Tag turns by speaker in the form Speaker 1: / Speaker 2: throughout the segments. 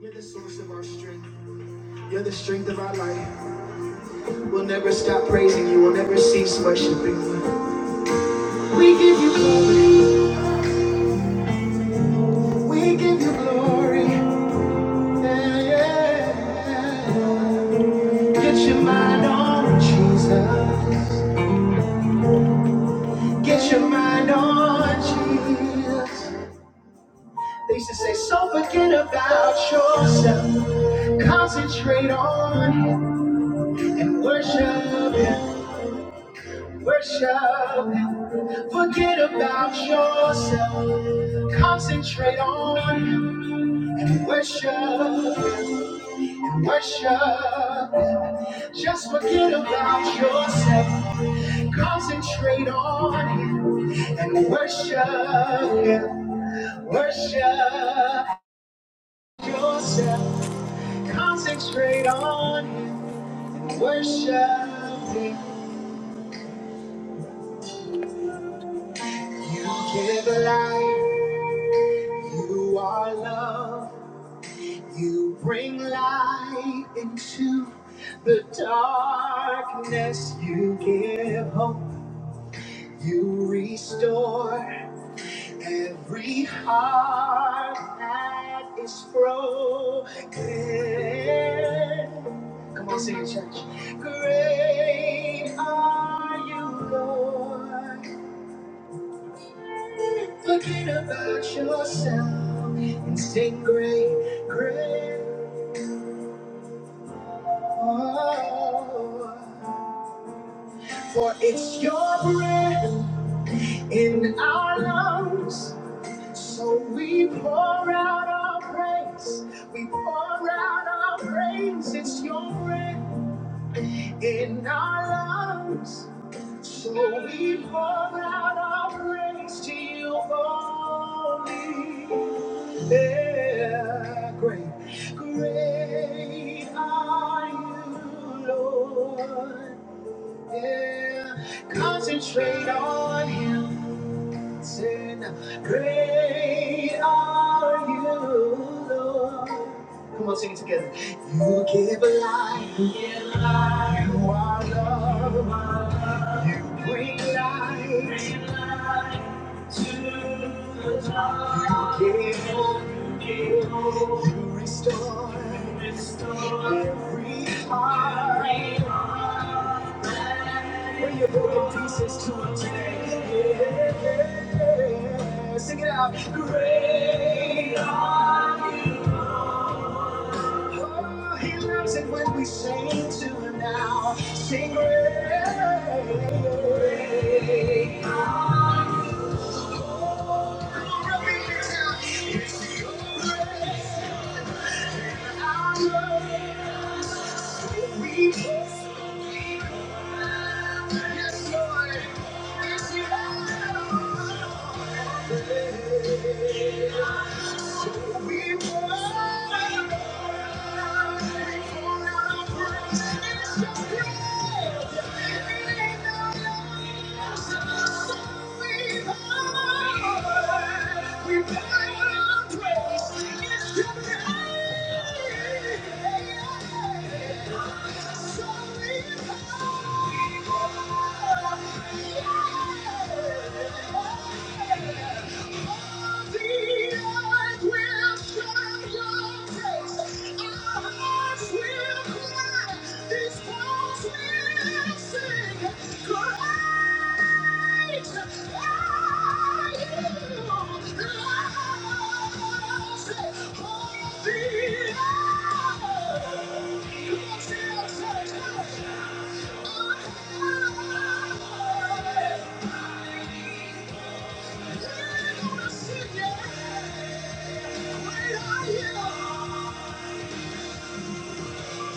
Speaker 1: You're the source of our strength. You're the strength of our life. We'll never stop praising you. We'll never cease worshiping you. We give you glory. We give you glory. Yeah, yeah, yeah. Get your mind on Jesus. Get your mind on Jesus. They used to say, so forget about yourself. Concentrate on him and worship him. Worship him. Forget about yourself. Concentrate on worship and worship. Just forget about yourself. Concentrate on Him and worship and worship yourself. Concentrate on Him. Worship Him. You give life. You are love. You bring light into the darkness. You give hope. You restore every heart that is broken. Come on, sing it, church. Great are you, Lord. Forget about yourself and sing great, great. Oh. For it's your breath in our lungs. So we pour out our praise. We pour out our praise. It's your breath in our lungs. So we pour out our praise to you only. Yeah, great. Great are you, Lord. Yeah, concentrate on Him. Sing, great are you, Lord. Come on, sing it together. You give life. You give life. You are love. You are love. You bring light. Bring light to the dark. You give hope. You give hope. You restore. You restore every heart. Every heart. Bring your broken pieces to him today. Yeah. yeah. Sing it out. Great are you. Lord. Oh, he loves it when we sing to him now. Sing great. we're Great. Yeah the earth will Yeah. Yeah.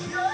Speaker 1: Yeah.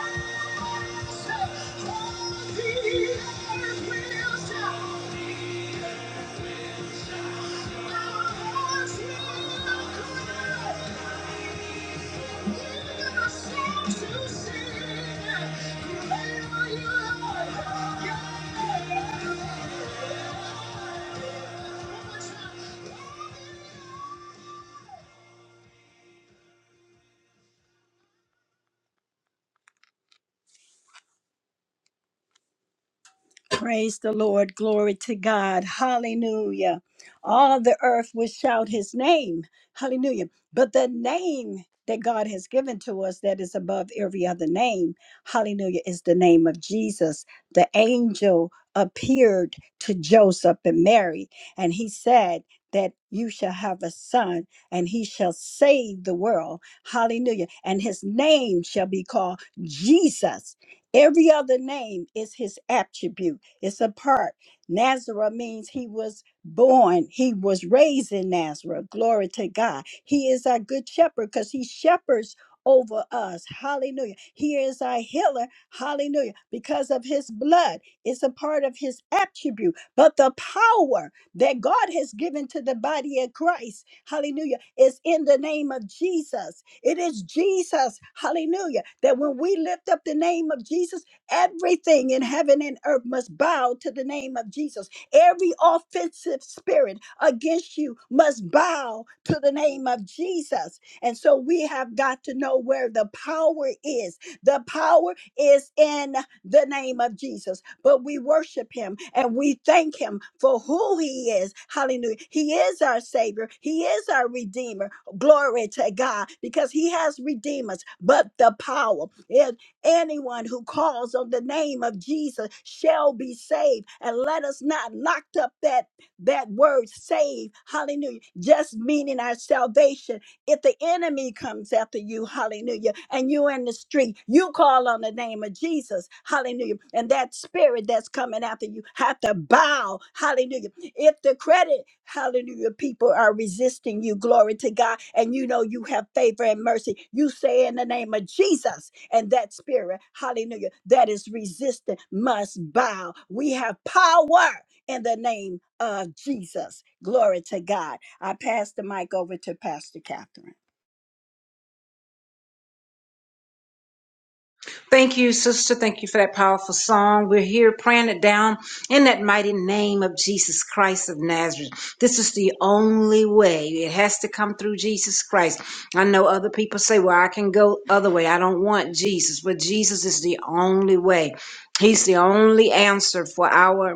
Speaker 1: Praise the Lord. Glory to God. Hallelujah. All the earth will shout his name. Hallelujah. But the name that God has given to us that is above every other name, hallelujah, is the name of Jesus. The angel appeared to Joseph and Mary, and he said, that you shall have a son and he shall save the world. Hallelujah. And his name shall be called Jesus. Every other name is his attribute. It's a part. Nazareth means he was born, he was raised in Nazareth. Glory to God. He is our good shepherd because he shepherds over us. Hallelujah. He is our healer. Hallelujah. Because of his blood, it's a part of his attribute. But the power that God has given to the body of Christ, hallelujah, is in the name of Jesus. It is Jesus, hallelujah, that when we lift up the name of Jesus, Everything in heaven and earth must bow to the name of Jesus. Every offensive spirit against you must bow to the name of Jesus. And so we have got to know where the power is. The power is in the name of Jesus. But we worship him and we thank him for who he is. Hallelujah. He is our Savior, he is our Redeemer. Glory to God because he has redeemed us. But the power, yeah, Anyone who calls on the name of Jesus shall be saved. And let us not locked up that that word save. Hallelujah. Just meaning our salvation. If the enemy comes after you, hallelujah, and you in the street, you call on the name of Jesus, hallelujah. And that spirit that's coming after you have to bow, hallelujah. If the credit, hallelujah, people are resisting you, glory to God, and you know you have favor and mercy, you say in the name of Jesus, and that spirit, hallelujah, that is resistant must bow. We have power in the name of Jesus. Glory to God. I pass the mic over to Pastor Catherine.
Speaker 2: Thank you, sister. Thank you for that powerful song. We're here praying it down in that mighty name of Jesus Christ of Nazareth. This is the only way. It has to come through Jesus Christ. I know other people say, well, I can go other way. I don't want Jesus, but Jesus is the only way. He's the only answer for our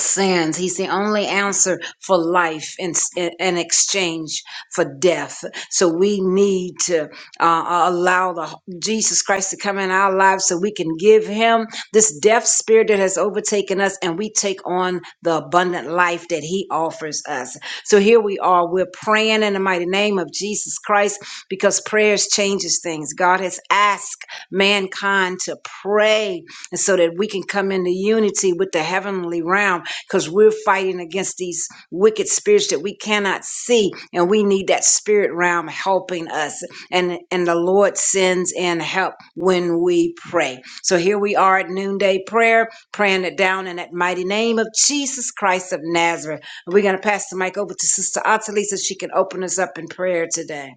Speaker 2: sins. He's the only answer for life in, in exchange for death. So we need to uh, allow the Jesus Christ to come in our lives so we can give him this death spirit that has overtaken us and we take on the abundant life that he offers us. So here we are. We're praying in the mighty name of Jesus Christ because prayers changes things. God has asked mankind to pray and so that we can come into unity with the heavenly realm because we're fighting against these wicked spirits that we cannot see, and we need that spirit realm helping us. And and the Lord sends in help when we pray. So here we are at noonday prayer, praying it down in that mighty name of Jesus Christ of Nazareth. We're gonna pass the mic over to Sister Ottilie so she can open us up in prayer today.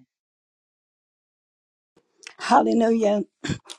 Speaker 1: Hallelujah.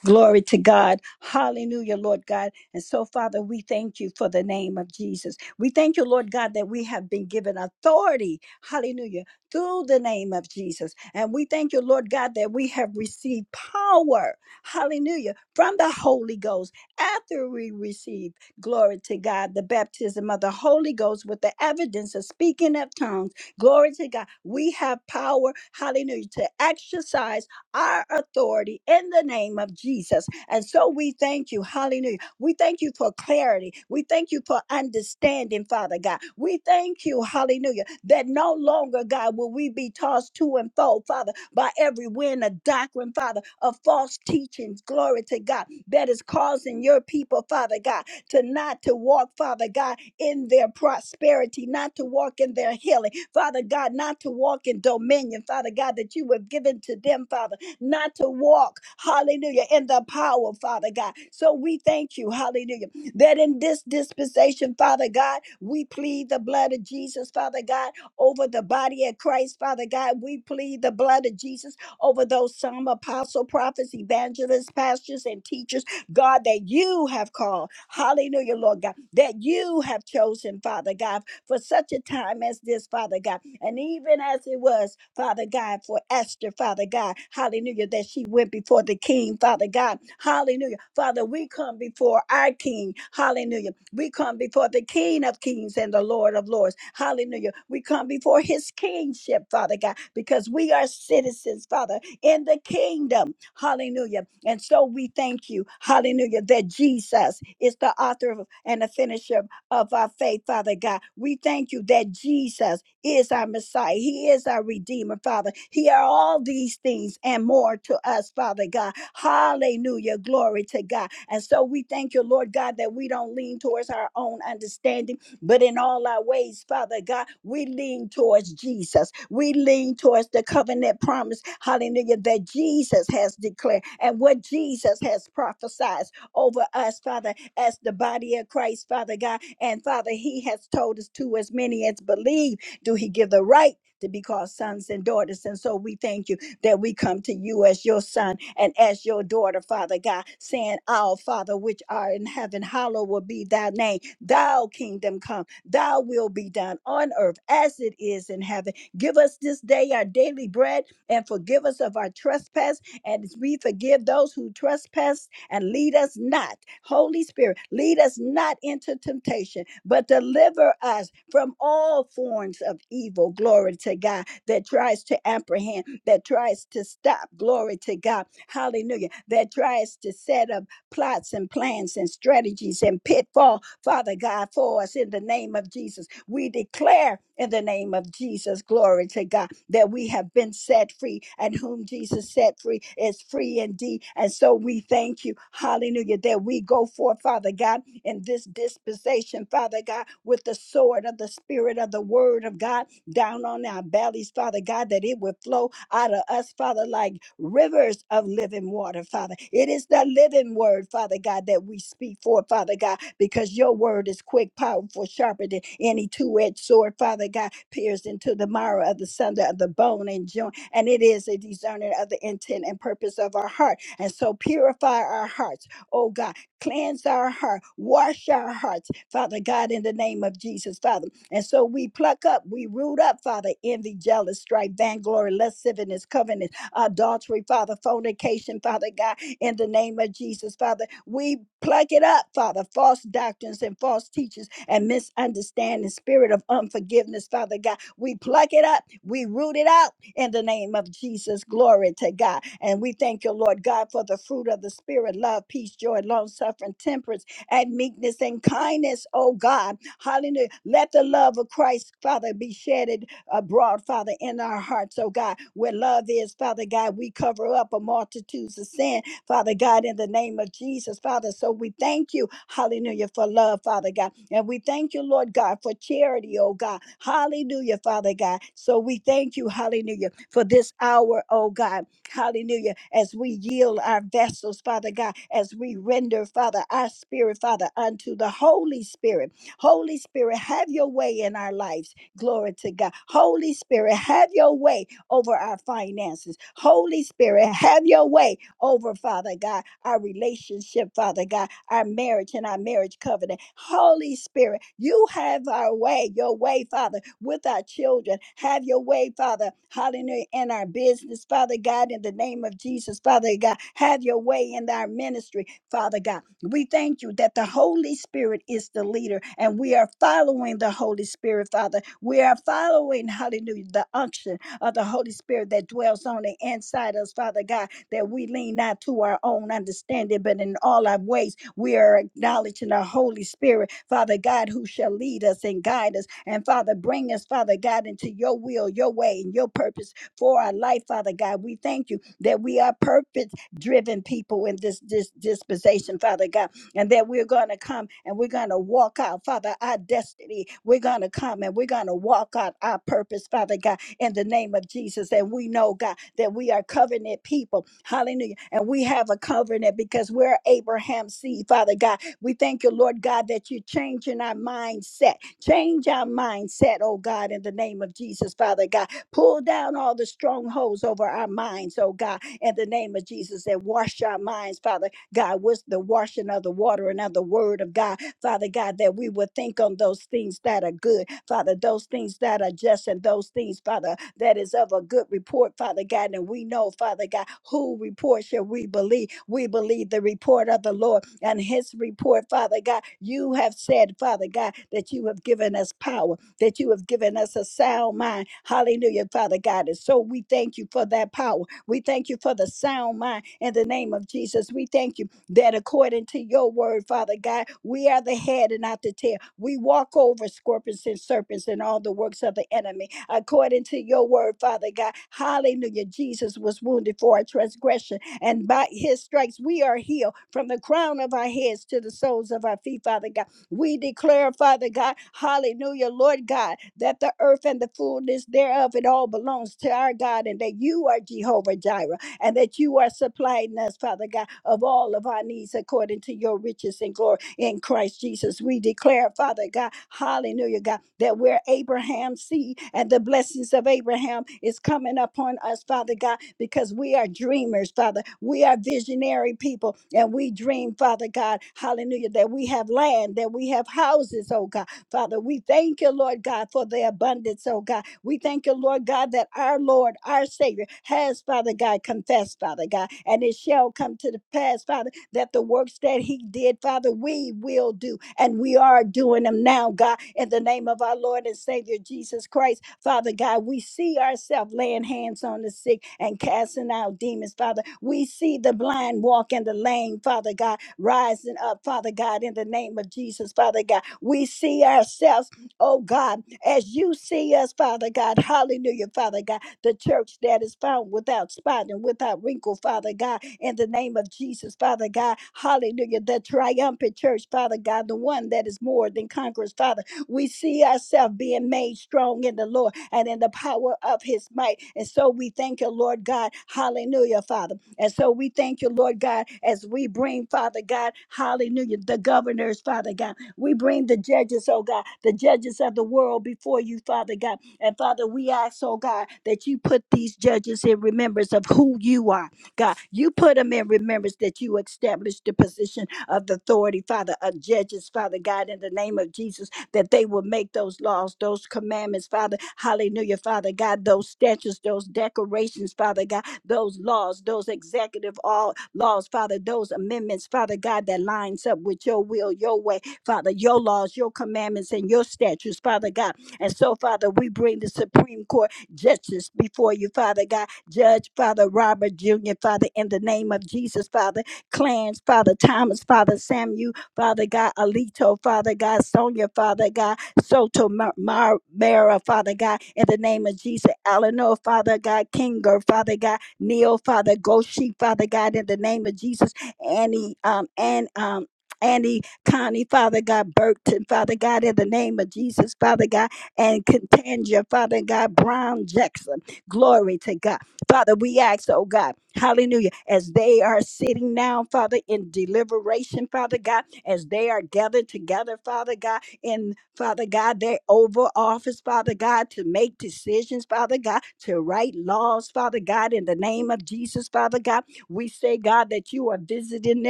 Speaker 1: Glory to God. Hallelujah, Lord God. And so, Father, we thank you for the name of Jesus. We thank you, Lord God, that we have been given authority. Hallelujah. Through the name of Jesus. And we thank you, Lord God, that we have received power. Hallelujah. From the Holy Ghost after we receive, glory to God, the baptism of the Holy Ghost with the evidence of speaking of tongues. Glory to God. We have power. Hallelujah. To exercise our authority in the name of Jesus. And so we thank you. Hallelujah. We thank you for clarity. We thank you for understanding, Father God. We thank you, hallelujah, that no longer, God, will we be tossed to and fro, Father, by every wind of doctrine, Father, of false teachings. Glory to God that is causing your people, Father God, to not to walk, Father God, in their prosperity, not to walk in their healing, Father God, not to walk in dominion, Father God, that you have given to them, Father not to walk, hallelujah, in the power, Father God. So we thank you, hallelujah, that in this dispensation, Father God, we plead the blood of Jesus, Father God, over the body of Christ, Father God. We plead the blood of Jesus over those some apostle, prophets, evangelists, pastors, and teachers, God, that you have called, hallelujah, Lord God, that you have chosen, Father God for such a time as this, Father God. And even as it was, Father God, for Esther, Father God, hallelujah, that she went before the King, Father God, hallelujah. Father, we come before our King, hallelujah. We come before the King of Kings and the Lord of Lords, hallelujah. We come before his kingship, Father God, because we are citizens, Father, in the kingdom. Hallelujah. And so we thank you, hallelujah, that Jesus is the author of- and the finisher of our faith, Father God. We thank you that Jesus is our Messiah. He is our Redeemer, Father. He are all these things and more to us, Father God. Hallelujah. Glory to God. And so we thank you, Lord God, that we don't lean towards our own understanding, but in all our ways, Father God, we lean towards Jesus. We lean towards the covenant promise, hallelujah, that Jesus has declared and what Jesus has prophesied over us, Father, as the body of Christ, Father God. And Father, He has told us to as many as believe, do He give the right to be called sons and daughters. And so we thank you that we come to you as your son and as your daughter, Father God, saying, Our Father, which art in heaven, hallowed will be thy name. Thou kingdom come, thy will be done on earth as it is in heaven. Give us this day our daily bread and forgive us of our trespass and as we forgive those who trespass and lead us not, Holy Spirit, lead us not into temptation, but deliver us from all forms of evil. Glory to God that tries to apprehend, that tries to stop. Glory to God. Hallelujah. That tries to set up plots and plans and strategies and pitfall, Father God, for us in the name of Jesus. We declare in the name of Jesus, glory to God, that we have been set free, and whom Jesus set free is free indeed. And so we thank you, hallelujah, that we go forth, Father God, in this dispensation, Father God, with the sword of the Spirit of the Word of God down on our bellies, Father God, that it would flow out of us, Father, like rivers of living water, Father. It is the living word, Father God, that we speak for, Father God, because your word is quick, powerful, sharper than any two edged sword, Father God, pierced into the marrow of the sunder of the bone and joint, and it is a discerner of the intent and purpose of our heart. And so purify our hearts, oh God, cleanse our heart, wash our hearts, Father God, in the name of Jesus, Father. And so we pluck up, we root up, Father, envy, jealous, strife, vainglory, lasciviousness, covenant, adultery, Father, fornication, Father God, in the name of Jesus, Father. We pluck it up, Father, false doctrines and false teachers and misunderstanding, spirit of unforgiveness, Father God. We pluck it up, we root it out in the name of Jesus. Glory to God. And we thank you, Lord God, for the fruit of the Spirit love, peace, joy, long suffering, temperance and meekness and kindness, oh God. Hallelujah. Let the love of Christ, Father, be shedded abroad, Father, in our hearts, oh God. Where love is, Father God, we cover up a multitudes of sins. Father God, in the name of Jesus, Father. So we thank you, hallelujah, for love, Father God. And we thank you, Lord God, for charity, oh God. Hallelujah, Father God. So we thank you, hallelujah, for this hour, oh God. Hallelujah. As we yield our vessels, Father God, as we render, Father, our spirit, Father, unto the Holy Spirit. Holy Spirit, have your way in our lives. Glory to God. Holy Spirit, have your way over our finances. Holy Spirit, have your way over, Father God, our relationship, Father God, our marriage and our marriage covenant. Holy Spirit, you have our way, your way, Father, with our children. Have your way, Father, hallelujah, in our business, Father God, in the name of Jesus, Father God. Have your way in our ministry, Father God. We thank you that the Holy Spirit is the leader and we are following the Holy Spirit, Father. We are following, hallelujah, the unction of the Holy Spirit that dwells on the inside us, Father God that we lean not to our own understanding, but in all our ways we are acknowledging our Holy Spirit, Father God, who shall lead us and guide us. And Father, bring us, Father God, into your will, your way, and your purpose for our life, Father God. We thank you that we are purpose driven people in this, this dispensation, Father God and that we're going to come and we're going to walk out, Father, our destiny. We're going to come and we're going to walk out our purpose, Father God in the name of Jesus. And we know, God, that we are covenant people. Hallelujah. And we have a covenant because we're Abraham's seed, Father God. We thank you, Lord God, that you're changing our mindset. Change our mindset, oh God, in the name of Jesus, Father God. Pull down all the strongholds over our minds, oh God, in the name of Jesus, and wash our minds, Father God, with the washing of the water and of the word of God Father God, that we would think on those things that are good, Father, those things that are just and those things, Father, that is of a good report, Father God. And we know, Father God, who report shall we believe? We believe the report of the Lord and his report, Father God. You have said, Father God, that you have given us power, that you have given us a sound mind. Hallelujah, Father God. And so we thank you for that power. We thank you for the sound mind in the name of Jesus. We thank you that according to your word, Father God, we are the head and not the tail. We walk over scorpions and serpents and all the works of the enemy. According to your word, Father God, hallelujah. Jesus was wounded for our transgression, and by his stripes we are healed from the crown of our heads to the soles of our feet, Father God. We declare, Father God, hallelujah, Lord God, that the earth and the fullness thereof, it all belongs to our God, and that you are Jehovah Jireh and that you are supplying us, Father God, of all of our needs according to your riches and glory in Christ Jesus. We declare, Father God, hallelujah, God, that we're Abraham's seed and the blessings of Abraham is coming upon us, Father God, because we are dreamers, Father. We are visionary people and we dream, Father God, hallelujah, that we have land, that we have houses, oh God. Father, we thank you, Lord God, for the abundance, oh God we thank you, Lord God, that our Lord, our Savior, has, Father God, confessed, Father God, and it shall come to the pass, Father, that the works that He did, Father, we will do, and we are doing them now, God, in the name of our Lord and Savior Jesus Christ. Father God, we see ourselves laying hands on the sick and casting out demons, Father. We see the blind walk and the lame, Father God, rising up, Father God, in the name of Jesus, Father God. We see ourselves. Oh God, as you see us, Father God, hallelujah, Father God, the church that is found without spot and without wrinkle, Father God, in the name of Jesus, Father God, hallelujah, the triumphant church, Father God, the one that is more than conquerors, Father. We see ourselves being made strong in the Lord and in the power of his might. And so we thank you, Lord God, hallelujah, Father. And so we thank you, Lord God, as we bring, Father God, hallelujah, the governors, Father God. We bring the judges, oh God, the judges of the world before you, Father God. And Father, we ask, oh God, that you put these judges in remembrance of who you are, God. You put them in remembrance that you established the position of the authority, Father, of judges, Father God, in the name of Jesus, that they will make those laws, those commandments, Father. Hallelujah, Father God, those statutes, those decorations, Father God, those laws, those executive all laws, Father, those amendments, Father God, that lines up with your will, your way Father, your laws, your commandments, and your statutes, Father God. And so, Father, we bring the Supreme Court justice before you, Father God. Judge, Father Robert Jr., Father, in the name of Jesus, Father, Clans, Father Thomas, Father Samuel, Father God, Alito, Father God, Sonia, Father God, Soto Mar- Mar- Mara, Father God, in the name of Jesus, Eleanor, Father God, Kinger, Father God, Neil, Father Goshi, Father God, in the name of Jesus, Annie, um, and um, Annie. Connie, Father God, Burton, Father God, in the name of Jesus, Father God, and Contangia, Father God, Brown Jackson. Glory to God. Father, we ask, oh God, hallelujah, as they are sitting now, Father, in deliberation, Father God, as they are gathered together, Father God, in, Father God, their oval office, Father God, to make decisions, Father God, to write laws, Father God, in the name of Jesus, Father God. We say, God, that you are visiting them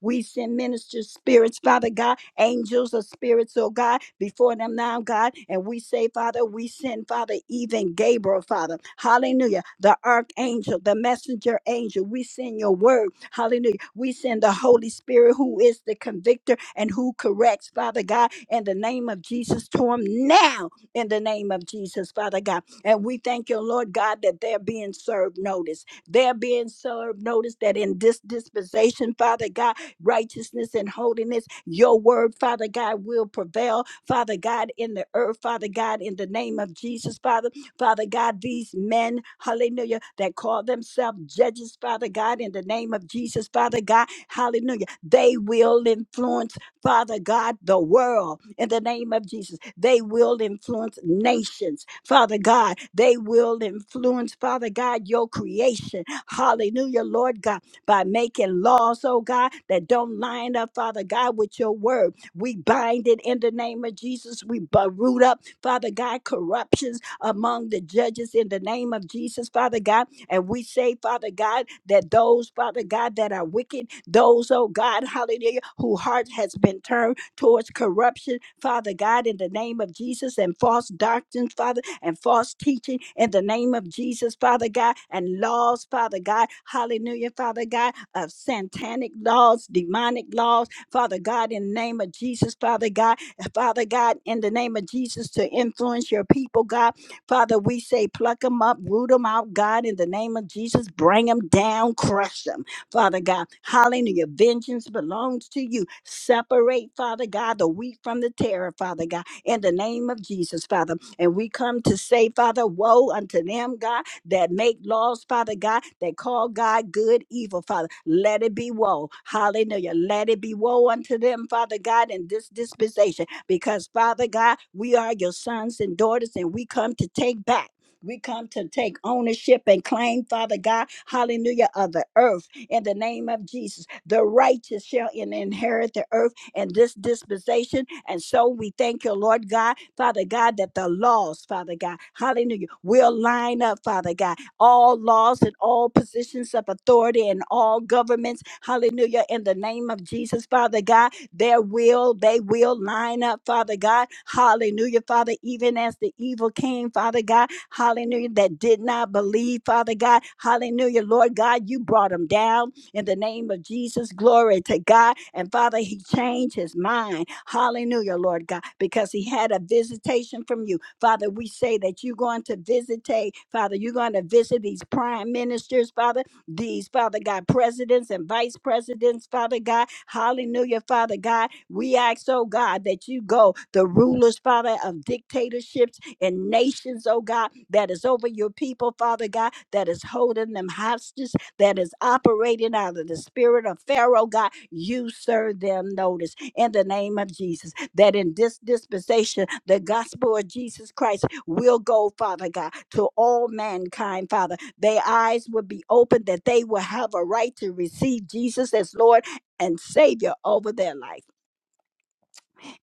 Speaker 1: we send ministers, spirits, Father God, angels of spirits, oh God, before them now, God. And we say, Father, we send, Father, even Gabriel, Father. Hallelujah. The archangel, the messenger angel. We send your word. Hallelujah. We send the Holy Spirit who is the convictor and who corrects, Father God, in the name of Jesus to him now, in the name of Jesus, Father God. And we thank you, Lord God, that they're being served notice they're being served notice that in this dispensation, Father God righteousness and holiness. Your word, Father God, will prevail, Father God, in the earth, Father God, in the name of Jesus, Father. Father God, these men, hallelujah, that call themselves judges, Father God, in the name of Jesus, Father God, hallelujah, they will influence, Father God, the world in the name of Jesus. They will influence nations, Father God. They will influence, Father God, your creation. Hallelujah, Lord God by making laws, oh God, that don't line up, Father God, with your word. We bind it in the name of Jesus. We bu- root up, Father God, corruptions among the judges in the name of Jesus, Father God. And we say, Father God, that those, Father God, that are wicked, those, oh God, hallelujah, whose heart has been turned towards corruption, Father God, in the name of Jesus and false doctrines, Father and false teaching in the name of Jesus, Father God, and laws, Father God, hallelujah, Father God, of satanic laws, demonic laws, Father God, in the name of Jesus, Father God, Father God, in the name of Jesus, to influence your people, God. Father, we say, pluck them up, root them out, God, in the name of Jesus, bring them down, crush them. Father God. Hallelujah. Vengeance belongs to you. Separate, Father God, the wheat from the terror, Father God, in the name of Jesus, Father. And we come to say, Father, woe unto them, God, that make laws, Father God, that call God good, evil, Father. Let it be woe. Hallelujah. Let it be woe unto them, Father God, in this dispensation. Because, Father God, we are your sons and daughters, and we come to take back. We come to take ownership and claim, Father God, hallelujah, of the earth in the name of Jesus. The righteous shall in- inherit the earth and this dispensation. And so we thank you, Lord God, Father God, that the laws, Father God, hallelujah, will line up, Father God. All laws and all positions of authority and all governments, hallelujah, in the name of Jesus, Father God, their will, they will line up, Father God, hallelujah, Father, even as the evil came, Father God hallelujah, that did not believe, Father God, hallelujah, Lord God, you brought them down in the name of Jesus. Glory to God. And Father, he changed his mind, hallelujah, Lord God, because he had a visitation from you. Father, we say that you're going to visitate, Father, you're going to visit these prime ministers, Father, these, Father God, presidents and vice presidents, Father God, hallelujah, Father God. We ask, oh God, that you go the rulers, Father, of dictatorships and nations, oh God, that is over your people, Father God, that is holding them hostage, that is operating out of the spirit of Pharaoh, God. You serve them notice in the name of Jesus that in this dispensation, the gospel of Jesus Christ will go, Father God, to all mankind, Father. Their eyes will be opened that they will have a right to receive Jesus as Lord and Savior over their life.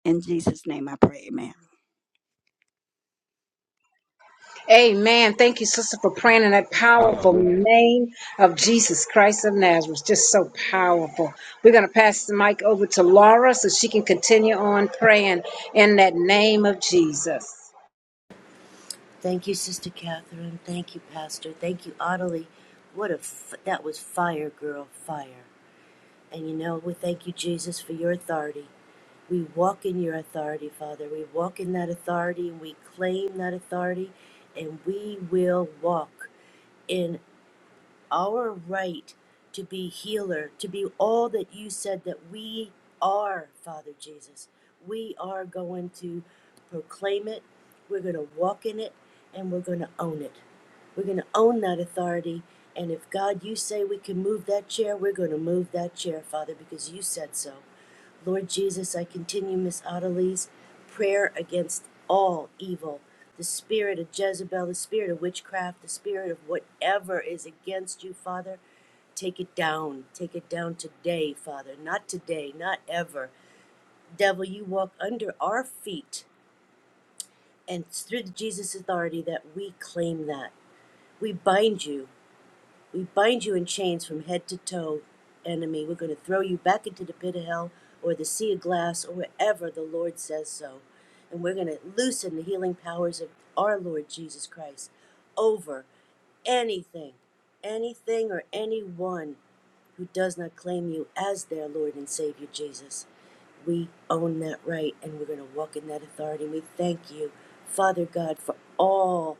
Speaker 1: In Jesus' name I pray, amen.
Speaker 2: Amen. Thank you, sister, for praying in that powerful
Speaker 3: Hallelujah.
Speaker 2: name of Jesus Christ of Nazareth. Just so powerful. We're going to pass the mic over to Laura so she can continue on praying in that name of Jesus.
Speaker 4: Thank you, Sister Catherine. Thank you, Pastor. Thank you, Ottilie. What a f- that was fire, girl, fire. And you know, we thank you, Jesus, for your authority. We walk in your authority, Father. We walk in that authority and we claim that authority, and we will walk in our right to be healer, to be all that you said that we are, Father Jesus. We are going to proclaim it, we're going to walk in it, and we're going to own it. We're going to own that authority. And if God, you say we can move that chair, we're going to move that chair, Father, because you said so. Lord Jesus, I continue Miss Ottilie's prayer against all evil, the spirit of Jezebel, the spirit of witchcraft, the spirit of whatever is against you, Father. Take it down. Take it down today, Father. Not today, not ever. Devil, you walk under our feet, and it's through Jesus' authority that we claim that. We bind you. We bind you in chains from head to toe, enemy. We're going to throw you back into the pit of hell or the sea of glass or wherever the Lord says so. And we're going to loosen the healing powers of our Lord Jesus Christ over anything, anything or anyone who does not claim you as their Lord and Savior, Jesus. We own that right and we're going to walk in that authority. We thank you, Father God, for all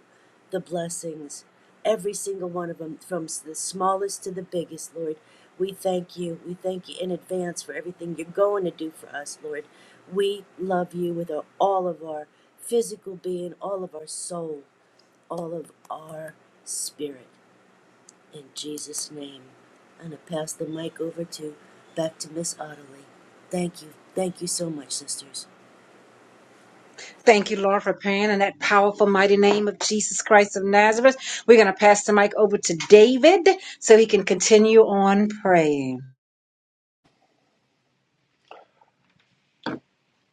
Speaker 4: the blessings, every single one of them, from the smallest to the biggest, Lord. We thank you. We thank you in advance for everything you're going to do for us, Lord. We love you with our, all of our physical being, all of our soul all of our spirit in Jesus' name. I'm going to pass the mic over to back to Miss Ottilie. Thank you. Thank you so much, sisters.
Speaker 2: Thank you, Lord, for praying in that powerful, mighty name of Jesus Christ of Nazareth. We're going to pass the mic over to David so he can continue on praying.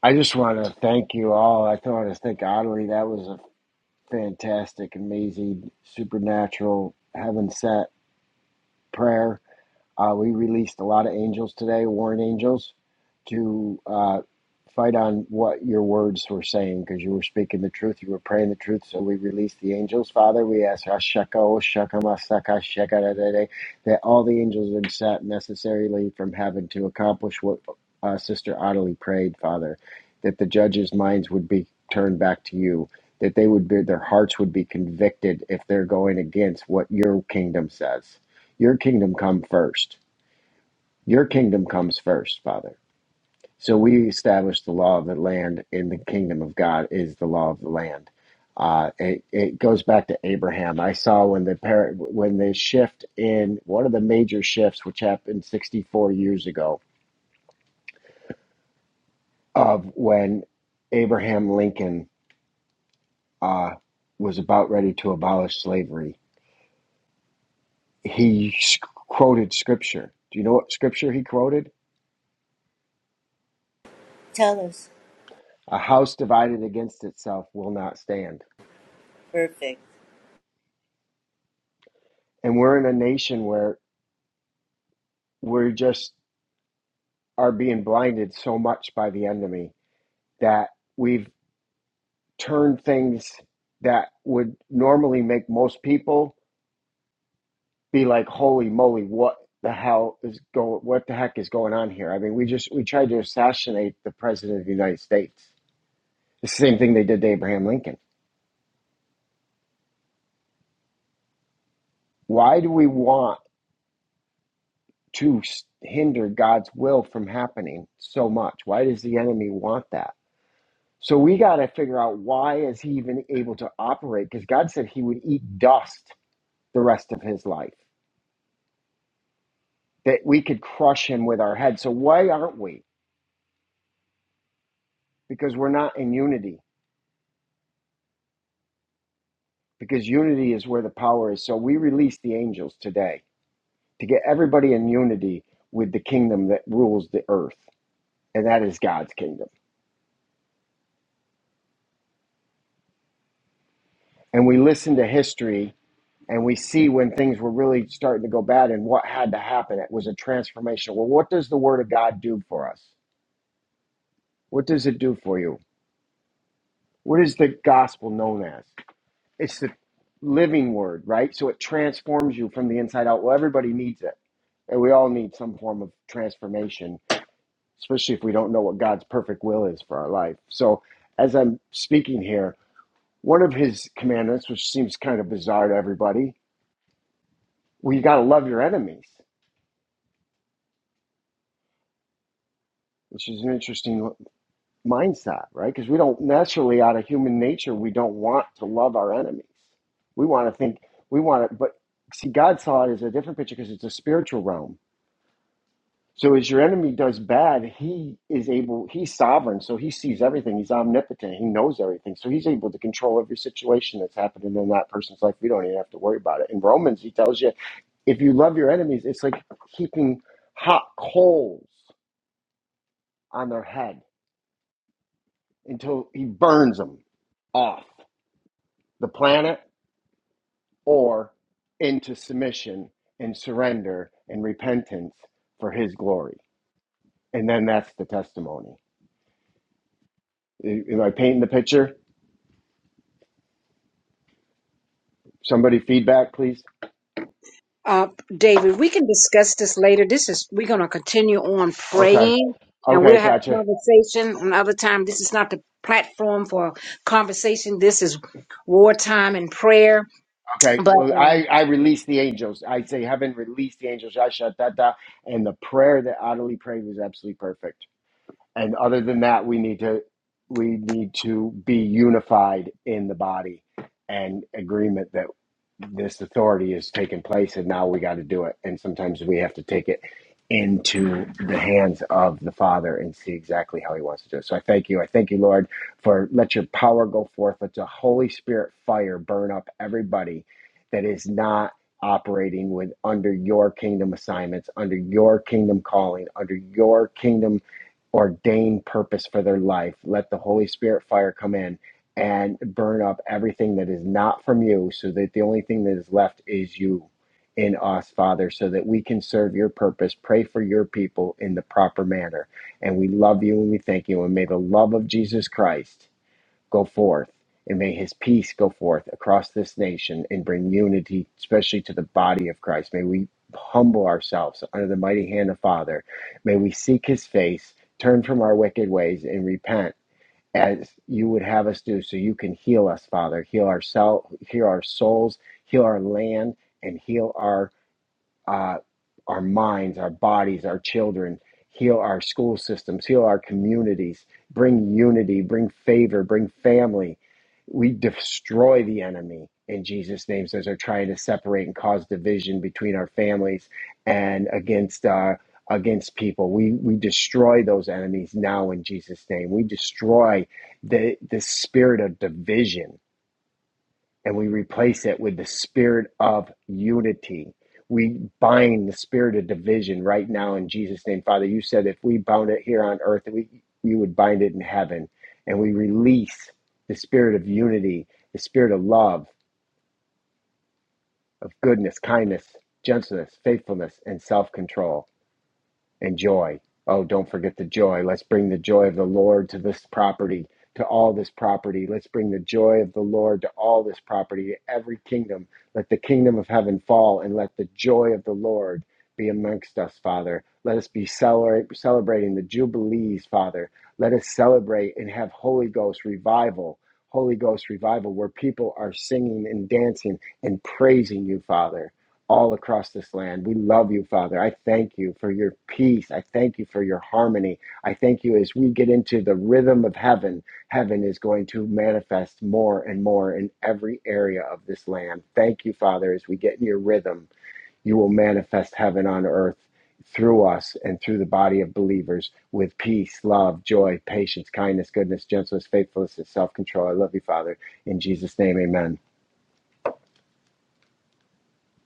Speaker 3: I just want to thank you all. I want to thank Audley. That was a fantastic, amazing, supernatural, heaven sent prayer. Uh, we released a lot of angels today, warring angels, to uh, fight on what your words were saying because you were speaking the truth, you were praying the truth. So we released the angels, Father. We ask Ashaka, Oshaka, Masaka, Shaka, da, da, da, that all the angels are sent necessarily from heaven to accomplish what uh, Sister Ottilie prayed, Father, that the judges' minds would be turned back to you. That they would be, their hearts would be convicted if they're going against what your kingdom says. Your kingdom come first your kingdom comes first, Father. So we establish the law of the land in the kingdom of God is the law of the land. Uh, it, it goes back to Abraham. I saw when the par- when the shift in one of the major shifts, which happened 64 years ago, of when Abraham Lincoln uh, was about ready to abolish slavery, he sc- quoted scripture. Do you know what scripture he quoted?
Speaker 4: Tell us.
Speaker 3: A house divided against itself will not stand
Speaker 4: Perfect.
Speaker 3: and we're in a nation where we just are being blinded so much by the enemy that we've turned things that would normally make most people be like holy moly what the hell is going what the heck is going on here i mean we just we tried to assassinate the president of the united states It's the same thing they did to abraham lincoln why do we want to hinder god's will from happening so much why does the enemy want that So we got to figure out why is he even able to operate? Because God said he would eat dust the rest of his life, that we could crush him with our head. So why aren't we? Because we're not in unity. Because unity is where the power is. So we release the angels today to get everybody in unity with the kingdom that rules the earth, and that is God's kingdom. And we listen to history and we see when things were really starting to go bad and what had to happen. It was a transformation. Well, what does the word of God do for us? What does it do for you? What is the gospel known as? It's the living word, right? So it transforms you from the inside out. Well, everybody needs it. And we all need some form of transformation, especially if we don't know what God's perfect will is for our life. So as I'm speaking here, one of his commandments, which seems kind of bizarre to everybody, well, you got to love your enemies, which is an interesting mindset, right? Because we don't naturally, out of human nature, we don't want to love our enemies We want to think, we want to, but see, God saw it as a different picture because it's a spiritual realm. So as your enemy does bad, he is able, he's sovereign. So he sees everything. He's omnipotent. He knows everything. So he's able to control every situation that's happening in that person's life. We don't even have to worry about it. In Romans, he tells you if you love your enemies, it's like keeping hot coals on their head until he burns them off the planet or into submission and surrender and repentance for his glory. And then that's the testimony. Am I painting the picture? Somebody feedback, please.
Speaker 2: Uh, David, we can discuss this later. This is we're going to continue on
Speaker 3: Okay.
Speaker 2: praying, and
Speaker 3: Okay,
Speaker 2: we'll have
Speaker 3: gotcha.
Speaker 2: conversation another time. This is not the platform for conversation. This is wartime and prayer.
Speaker 3: Okay.
Speaker 2: But
Speaker 3: Well,
Speaker 2: uh,
Speaker 3: I, I release the angels. I say, heaven, release the angels. I shut that down. And the prayer that Adelie prayed was absolutely perfect. and other than that we need to we need to be unified in the body and agreement that this authority is taking place and now we got to do it and sometimes we have to take it into the hands of the father and see exactly how he wants to do it so i thank you i thank you lord for let your power go forth let the holy spirit fire burn up everybody that is not operating with under your kingdom assignments under your kingdom calling under your kingdom ordained purpose for their life. Let the Holy Spirit fire come in and burn up everything that is not from you, so that the only thing that is left is you in us, Father, so that we can serve your purpose, pray for your people in the proper manner. And we love you and we thank you. And may the love of Jesus Christ go forth, and may his peace go forth across this nation and bring unity, especially to the body of Christ. May we humble ourselves under the mighty hand of Father. May we seek his face, turn from our wicked ways, and repent. As you would have us do, so you can heal us, Father. Heal ourselves, heal our souls, heal our land, and heal our uh, our minds, our bodies, our children, heal our school systems, heal our communities, bring unity, bring favor, bring family. We destroy the enemy in Jesus' name So as they're trying to separate and cause division between our families and against uh, against people. We we destroy those enemies now in Jesus' name. We destroy the the spirit of division and we replace it with the spirit of unity. We bind the spirit of division right now in Jesus' name. Father, you said if we bound it here on earth, we, you would bind it in heaven. And we release the spirit of unity, the spirit of love, of goodness, kindness, gentleness, faithfulness, and self control and joy. Oh, don't forget the joy. Let's bring the joy of the Lord to this property, to all this property. Let's bring the joy of the Lord to all this property, to every kingdom. Let the kingdom of heaven fall and let the joy of the Lord be amongst us, Father. Let us be celebrate, celebrating the Jubilees, Father. Let us celebrate and have Holy Ghost revival, Holy Ghost revival, where people are singing and dancing and praising you, Father all across this land. We love you, Father. I thank you for your peace. I thank you for your harmony. I thank you as we get into the rhythm of heaven. Heaven is going to manifest more and more in every area of this land. Thank you, Father, as we get in your rhythm, you will manifest heaven on earth through us and through the body of believers with peace, love, joy, patience, kindness, goodness, gentleness, faithfulness, and self control. I love you, Father. In Jesus' name, amen.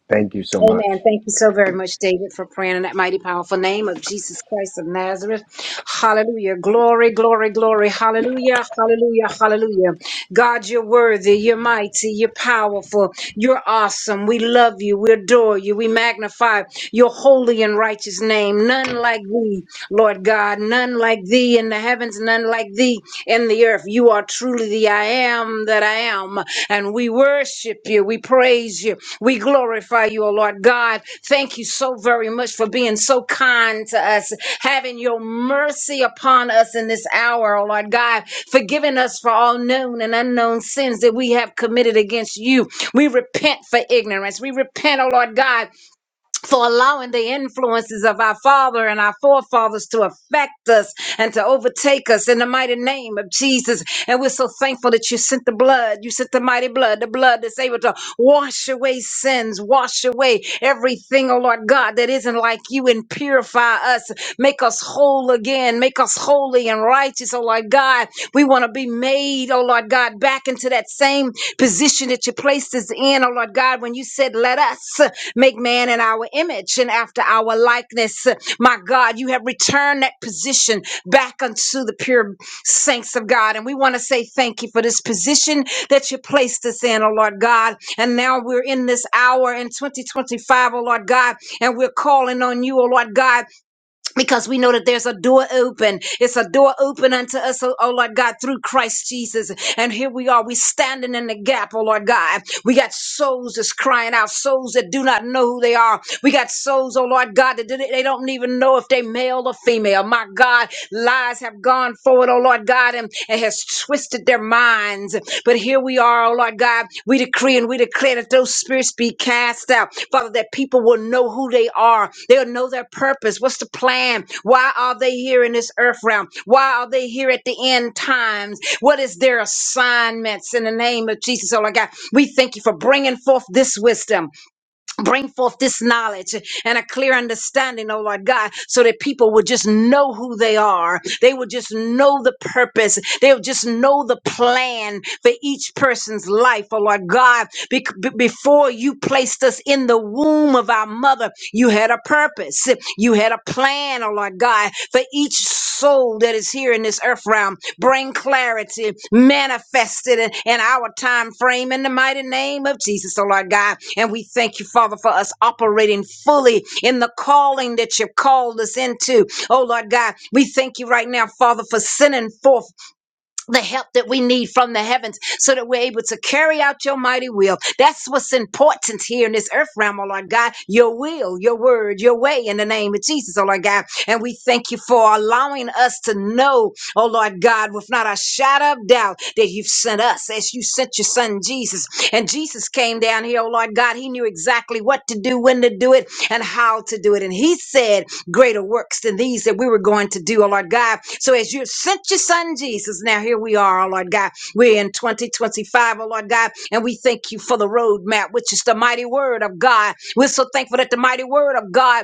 Speaker 3: Thank you so
Speaker 2: Amen.
Speaker 3: much.
Speaker 2: Thank you so very much, David, for praying in that mighty powerful name of Jesus Christ of Nazareth. Hallelujah. Glory, glory, glory. Hallelujah. Hallelujah. Hallelujah. God, you're worthy. You're mighty. You're powerful. You're awesome. We love you. We adore you. We magnify your holy and righteous name. None like thee, Lord God. None like thee in the heavens. None like thee in the earth. You are truly the I am that I am. And we worship you. We praise you. We glorify you, O Lord God. Thank you so very much for being so kind to us, having your mercy upon us in this hour, O Lord God, forgiving us for all known and unknown sins that we have committed against you. We repent for ignorance. We repent, O Lord God, for allowing the influences of our father and our forefathers to affect us and to overtake us in the mighty name of Jesus. And we're so thankful that you sent the blood. You sent the mighty blood, the blood that's able to wash away sins, wash away everything, oh Lord God, that isn't like you and purify us. Make us whole again. Make us holy and righteous, oh Lord God. We want to be made, oh Lord God, back into that same position that you placed us in, oh Lord God, when you said, let us. Make man in our image and after our likeness. My God, you have returned that position back unto the pure saints of God. And we want to say thank you for this position that you placed us in, oh Lord God. And now we're in this hour in 2025, O Lord God, and we're calling on you, oh Lord God, because we know that there's a door open. It's a door open unto us, oh, oh Lord God, through Christ Jesus. And here we are, we are standing in the gap, oh Lord God. We got souls that's crying out, souls that do not know who they are. We got souls, oh Lord God, that they they don't even know if they male or female. My God, lies have gone forward, oh Lord God, and it has twisted twisted their minds. But here we are, oh Lord God, we decree and we declare that those spirits be cast out. Father, that people will know who they are. They'll know their purpose. What's the plan? Why are they here in this earth realm? Why are they here at the end times? What is their assignments in the name of Jesus, oh Lord God? We thank you for bringing forth this wisdom bring forth this knowledge and a clear understanding, oh Lord God, so that people would just know who they are. They would just know the purpose. They would just know the plan for each person's life, oh Lord God. Bec- be- before you placed us in the womb of our mother, you had a purpose. You had a plan, oh Lord God, for each soul that is here in this earth realm. Bring clarity, manifest it in our time frame in the mighty name of Jesus, oh Lord God. And we thank you, Father, for us operating fully in the calling that you've called us into. Oh Lord God, we thank you right now, Father, for sending forth the help that we need from the heavens so that we're able to carry out your mighty will. That's what's important here in this earth realm, oh Lord God. Your will, your word, your way in the name of Jesus, oh Lord God. And we thank you for allowing us to know, oh Lord God, with not a shadow of doubt that you've sent us as you sent your son Jesus. And Jesus came down here, oh Lord God. He knew exactly what to do, when to do it, and how to do it. And he said, greater works than these that we were going to do, oh Lord God. So as you sent your son Jesus, now here we are, oh Lord God. We're in 2025, O Lord God, and we thank you for the roadmap, which is the mighty word of God. We're so thankful that the mighty word of God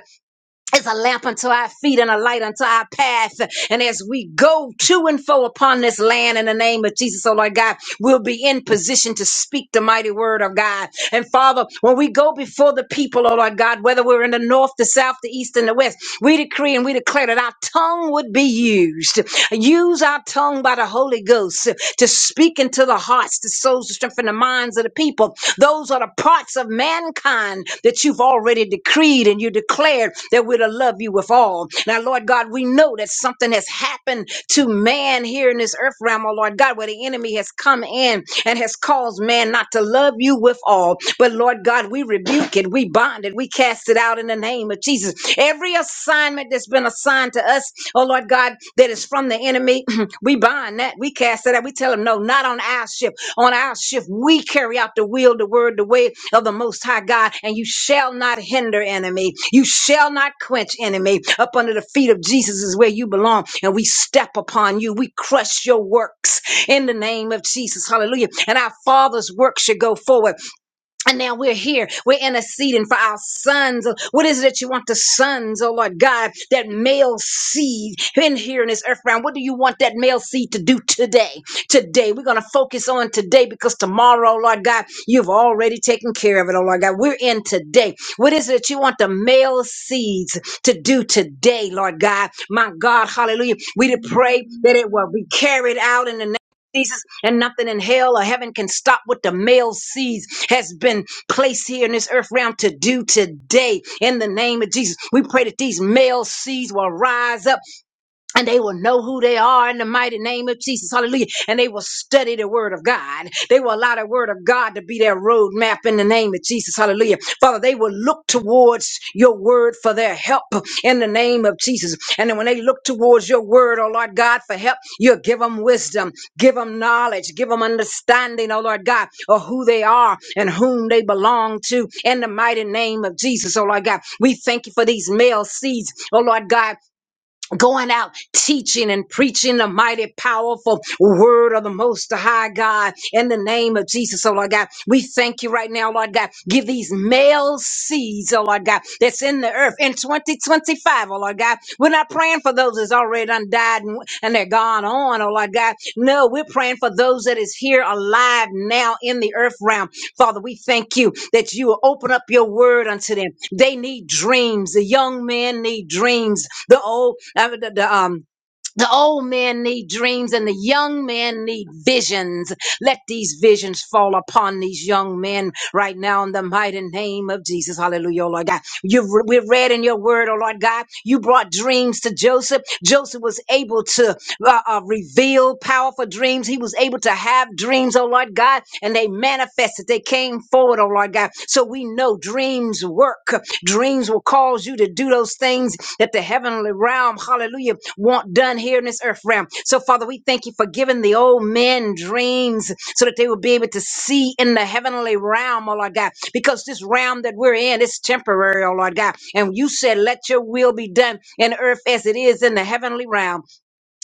Speaker 2: it's a lamp unto our feet and a light unto our path. And as we go to and fro upon this land in the name of Jesus, oh Lord God, we'll be in position to speak the mighty word of God. And Father, when we go before the people, oh Lord God, whether we're in the north, the south, the east, and the west, we decree and we declare that our tongue would be used. Use our tongue by the Holy Ghost to speak into the hearts, the souls, the strength, and the minds of the people those are the parts of mankind that you've already decreed and you declared that we're that we're to love you with all. Now, Lord God, we know that something has happened to man here in this earth realm, oh Lord God, where the enemy has come in and has caused man not to love you with all. But Lord God, we rebuke it, we bind it, we cast it out in the name of Jesus. Every assignment that's been assigned to us, oh Lord God, that is from the enemy, we bind that, we cast it out, we tell him, no, not on our ship on our shift. We carry out the will, the word, the way of the Most High God, and you shall not hinder enemy. You shall not quench enemy. Up under the feet of Jesus is where you belong, and we step upon you. We crush your works in the name of Jesus. Hallelujah. And our Father's work should go forward. And now we're here. We're interceding for our sons. What is it that you want the sons, oh Lord God, that male seed in here in this earth realm? What do you want that male seed to do today? Today, we're going to focus on today because tomorrow, oh Lord God, you've already taken care of it, oh Lord God. We're in today. What is it that you want the male seeds to do today, Lord God? My God, hallelujah. We to pray that it will be carried out in the Jesus, and nothing in hell or heaven can stop what the male sees has been placed here in this earth realm to do today. In the name of Jesus, we pray that these male seeds will rise up and they will know who they are in the mighty name of Jesus. Hallelujah. And they will study the word of God. They will allow the word of God to be their roadmap in the name of Jesus. Hallelujah. Father, they will look towards your word for their help in the name of Jesus. And then when they look towards your word, oh Lord God, for help, you'll give them wisdom, give them knowledge, give them understanding, oh Lord God, of who they are and whom they belong to in the mighty name of Jesus, oh Lord God. We thank you for these male seeds, oh Lord God going out teaching and preaching the mighty powerful word of the most high God in the name of Jesus, oh Lord God. We thank you right now, Lord God. Give these male seeds, oh Lord God, that's in the earth in 2025, oh Lord God. We're not praying for those that's already done died and, and they're gone on, oh Lord God. No, we're praying for those that is here alive now in the earth realm Father, we thank you that you will open up your word unto them. They need dreams. The young men need dreams. The old, uh, the, the, um, the old men need dreams and the young men need visions. Let these visions fall upon these young men right now in the mighty name of Jesus. Hallelujah, oh Lord God. You've, we read in your word, oh Lord God, you brought dreams to Joseph. Joseph was able to uh, uh, revealed powerful dreams. He was able to have dreams, oh Lord God, and they manifested. They came forward, oh Lord God. So we know dreams work. Dreams will cause you to do those things that the heavenly realm, hallelujah, want done here in this earth realm. So, Father, we thank you for giving the old men dreams so that they will be able to see in the heavenly realm, oh Lord God, because this realm that we're in is temporary, oh Lord God. And you said, Let your will be done in earth as it is in the heavenly realm.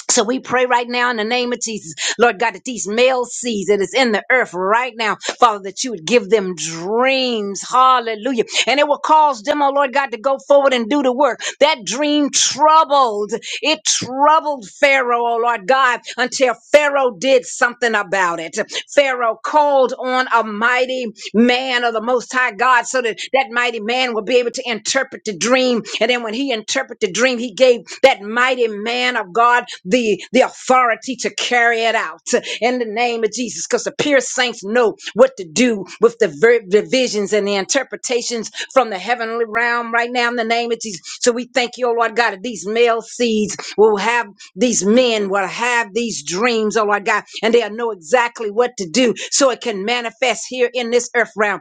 Speaker 2: So we pray right now in the name of Jesus, Lord God, that these male seeds that is in the earth right now, Father, that you would give them dreams. Hallelujah. And it will cause them, oh Lord God, to go forward and do the work. That dream troubled, it troubled Pharaoh, oh Lord God, until Pharaoh did something about it. Pharaoh called on a mighty man man of the Most High God so that that mighty man will be able to interpret the dream. And then when he interpreted the dream, he gave that mighty man of God the, the authority to carry it out in the name of Jesus because the pure saints know what to do with the, ver- the visions and the interpretations from the heavenly realm right now in the name of Jesus. So we thank you, oh Lord God, that these male seeds will have these men will have these dreams, oh Lord God, and they'll know exactly what to do so it can manifest here in this earth realm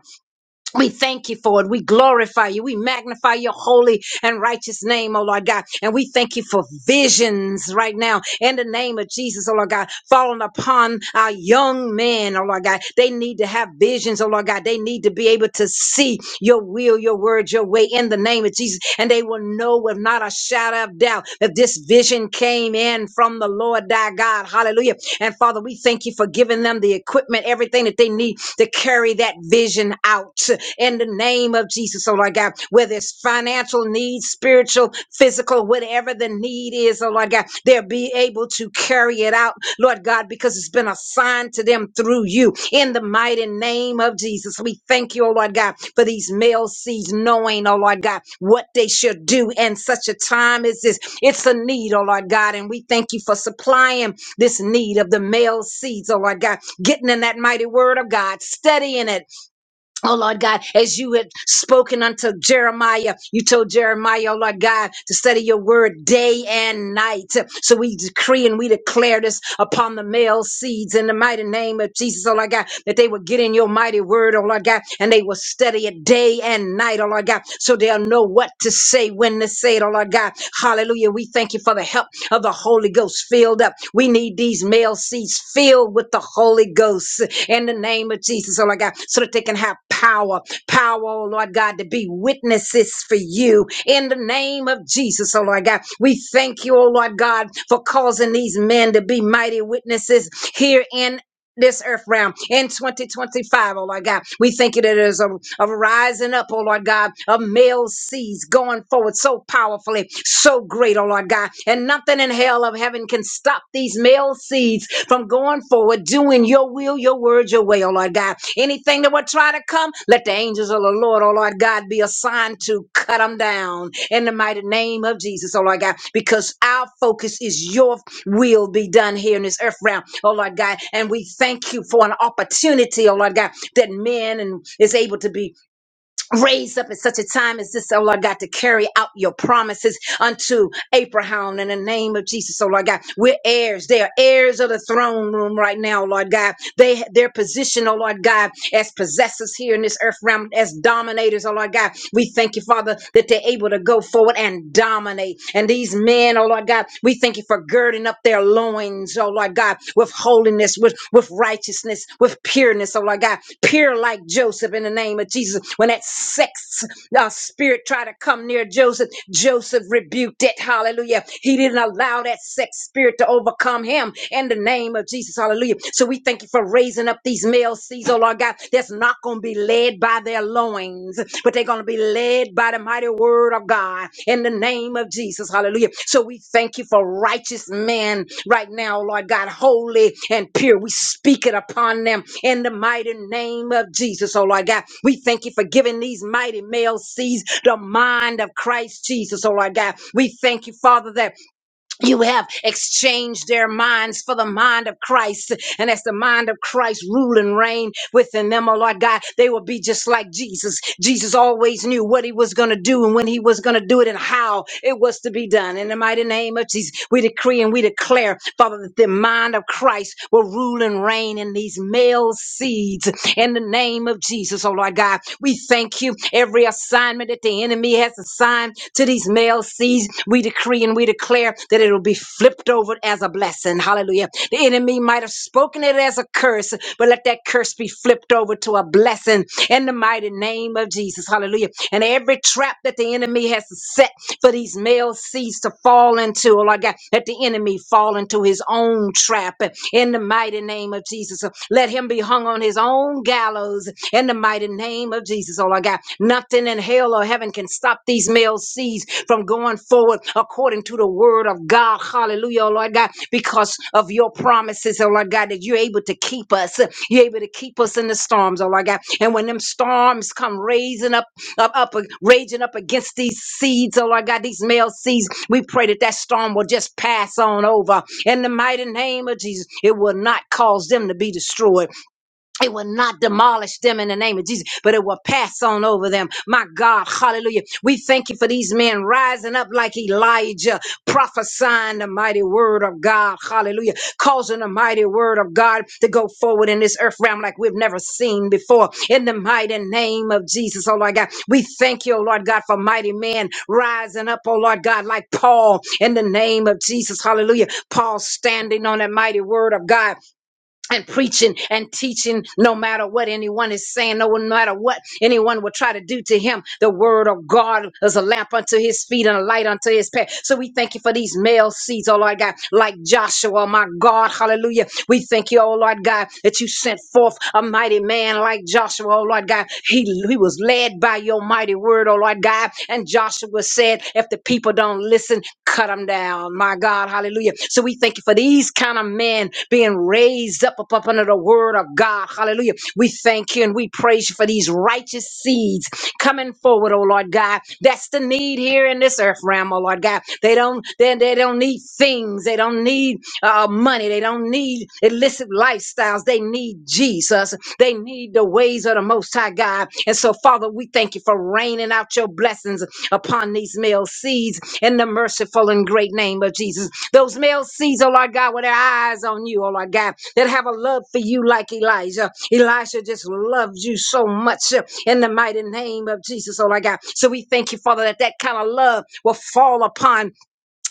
Speaker 2: we thank you for it. We glorify you. We magnify your holy and righteous name, oh Lord God. And we thank you for visions right now in the name of Jesus, oh Lord God, falling upon our young men, oh Lord God. They need to have visions, oh Lord God. They need to be able to see your will, your word, your way in the name of Jesus. And they will know with not a shadow of doubt that this vision came in from the Lord thy God. Hallelujah. And Father, we thank you for giving them the equipment, everything that they need to carry that vision out in the name of Jesus, oh Lord God, whether it's financial needs, spiritual, physical, whatever the need is, oh Lord God, they'll be able to carry it out, Lord God, because it's been assigned to them through you in the mighty name of Jesus. We thank you, oh Lord God, for these male seeds knowing, oh Lord God, what they should do in such a time as this. It's a need, oh Lord God, and we thank you for supplying this need of the male seeds, oh Lord God, getting in that mighty word of God, studying it, Oh Lord God, as you had spoken unto Jeremiah, you told Jeremiah, oh Lord God, to study your word day and night. So we decree and we declare this upon the male seeds in the mighty name of Jesus, oh Lord God, that they will get in your mighty word, oh Lord God, and they will study it day and night, oh Lord God, so they'll know what to say, when to say it, oh Lord God. Hallelujah. We thank you for the help of the Holy Ghost filled up. We need these male seeds filled with the Holy Ghost in the name of Jesus, oh Lord God, so that they can have power, power, oh Lord God, to be witnesses for you in the name of Jesus, oh Lord God. We thank you, oh Lord God, for causing these men to be mighty witnesses here in this earth realm in 2025, oh Lord God. We thank you that it is a, a rising up, oh Lord God, of male seeds going forward so powerfully, so great, oh Lord God. And nothing in hell of heaven can stop these male seeds from going forward, doing your will, your word, your way, oh Lord God. Anything that would try to come, let the angels of the Lord, oh Lord God, be assigned to cut them down in the mighty name of Jesus, oh Lord God, because our focus is your will be done here in this earth realm, oh Lord God. And we thank you for an opportunity, oh Lord God, that men and is able to be raised up at such a time as this, oh Lord God, to carry out your promises unto Abraham in the name of Jesus, oh Lord God. We're heirs. They are heirs of the throne room right now, oh Lord God. They their position, oh Lord God, as possessors here in this earth realm, as dominators, oh Lord God. We thank you, Father, that they're able to go forward and dominate. And these men, oh Lord God, we thank you for girding girding up their loins, oh Lord God, with holiness, with, with righteousness, with pureness, oh Lord God, pure like Joseph in the name of Jesus. When that sex uh, spirit tried to come near Joseph, Joseph rebuked it, hallelujah. He didn't allow that sex spirit to overcome him in the name of Jesus, hallelujah. So we thank you for raising up these male seeds, oh Lord God, that's not going to be led led by their loins, but they're going to be led by the mighty word of God in the name of Jesus. Hallelujah. So we thank you for righteous men right now, Lord God, holy and pure. We speak it upon them in the mighty name of Jesus. Oh, Lord God, we thank you for giving these mighty male seeds the mind of Christ Jesus. Oh, Lord God, we thank you, Father, that you have exchanged their minds for the mind of Christ. And as the mind of Christ rule and reign within them, oh Lord God, they will be just like Jesus. Jesus always knew what he was going to do and when he was going to do it and how it was to be done. In the mighty name of Jesus, we decree and we declare, Father, that the mind of Christ will rule and reign in these male seeds in the name of Jesus, oh Lord God. God. We thank you. Every assignment that the enemy has assigned to these male seeds, we decree and we declare that it'll be flipped over as a blessing. Hallelujah. The enemy might have spoken it as a curse, but let that curse be flipped over to a blessing in the mighty name of Jesus. Hallelujah. And every trap that the enemy has set for these male seeds to fall into, oh Lord God, let the enemy fall into into his own trap in the mighty name of Jesus. Let him be hung on his own gallows in the mighty name of Jesus. Oh, Lord God, nothing in hell or heaven can stop these male seeds from going forward according to the word of God. Hallelujah, oh, Lord God, because of your promises, oh, Lord God, that you're able to keep us. You're able to keep us in the storms, oh, Lord God. And when them storms come raising up, up, up raging up against these seeds. Oh Lord God, these male seeds. We pray that that storm will just pass on over in the mighty name of Jesus. It will not cause them to be destroyed it will not demolish them in the name of Jesus, but it will pass on over them. My God, hallelujah. We thank you for these men rising up like Elijah, prophesying the mighty word of God, hallelujah, causing the mighty word of God to go forward in this earth realm like we've never seen before. In the mighty name of Jesus, oh Lord God, we thank you, oh Lord God, for mighty men rising up, oh Lord God, like Paul, in the name of Jesus, hallelujah. Paul standing on that mighty word of God and preaching and teaching no matter what anyone is saying, no matter what anyone will try to do to him. The word of God is a lamp unto his feet and a light unto his path. So we thank you for these male seeds, oh Lord God, like Joshua, my God, hallelujah. We thank you, oh Lord God, that you sent forth a mighty man like Joshua, oh Lord God. He, he was led by your mighty word, oh Lord God. And Joshua said, back. If the people don't listen, cut them down. My God, hallelujah. So we thank you for these kind of men being raised up, up, up under the word of God. Hallelujah. We thank you and we praise you for these righteous seeds coming forward, oh Lord God. That's the need here in this earth realm, oh Lord God. They don't they, they don't need things. They don't need uh, uh, money. They don't need illicit lifestyles. They need Jesus. Jesus. They need the ways of the Most High God. And so, Father, we thank you for raining out your blessings upon these male seeds in the merciful and great name of Jesus. Those male seeds, oh Lord God, with their eyes on you, oh Lord God, that have a love for you like Elijah. Elijah just loves you so much uh, in the mighty name of Jesus, oh Lord God. So we thank you, Father, that that kind of love will fall upon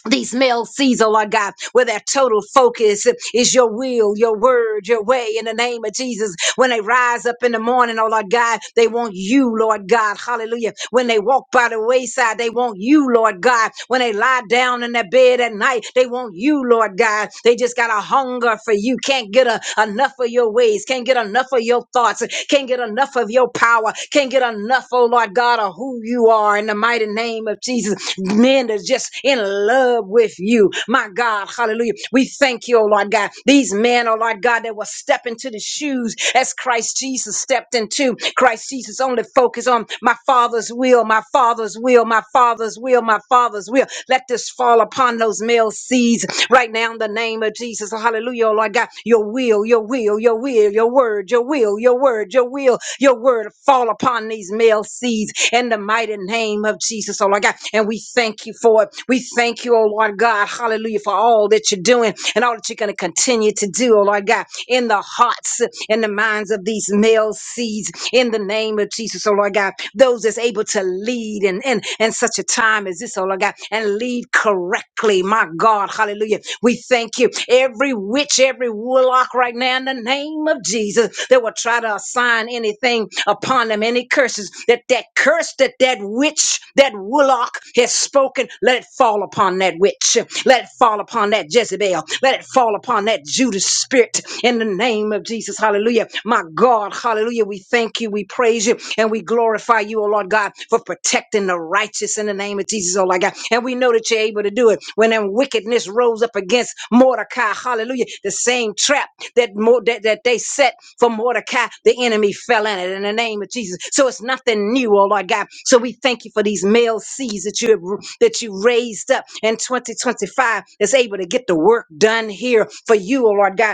Speaker 2: these male seas, oh Lord God, where their total focus is your will, your word, your way in the name of Jesus. When they rise up in the morning, oh Lord God, they want you, Lord God. Hallelujah. When they walk by the wayside, they want you, Lord God. When they lie down in their bed at night, they want you, Lord God. They just got a hunger for you. Can't get a, enough of your ways, can't get enough of your thoughts, can't get enough of your power, can't get enough enough, oh Lord God, of who you are in the mighty name of Jesus. Men that's just in love with you, my God, hallelujah. We thank you, oh Lord God. These men, oh Lord God, that will step into the shoes as Christ Jesus stepped into. Christ Jesus only focus on my Father's will, my Father's will, my Father's will, my Father's will. Let this fall upon those male seeds right now in the name of Jesus. Hallelujah, oh Lord God. Your will will, your will, your will, your word, your will, your word, your will, your word fall upon these male seeds in the mighty name of Jesus, oh Lord God. And we thank you for it. We thank you, oh Lord God, hallelujah, for all that you're doing and all that you're going to continue to do, oh Lord God, in the hearts and the minds of these male seeds in the name of Jesus, oh Lord God. Those that's able to lead and in, in in such a time as this, oh Lord God, and lead lead correctly. My God, hallelujah. We thank you. Every witch, every warlock right now in the name of Jesus that will try to assign anything upon them, any curses, that that curse that that witch, that warlock has spoken, let it fall upon that witch. Let it fall upon that Jezebel. Let it fall upon that Judas spirit in the name of Jesus. Hallelujah. My God, hallelujah. We thank you. We praise you and we glorify you, oh Lord God, for protecting the righteous in the name of Jesus, oh Lord God. And we know that you're able to do it. When that wickedness rose up against Mordecai, hallelujah, the same trap that, Mo- that, that they set for Mordecai, the enemy fell in it in the name of Jesus. So it's nothing new, oh Lord God. So we thank you for these male seeds that you have that you raised up in 2025 that's able to get the work done here for you, oh Lord God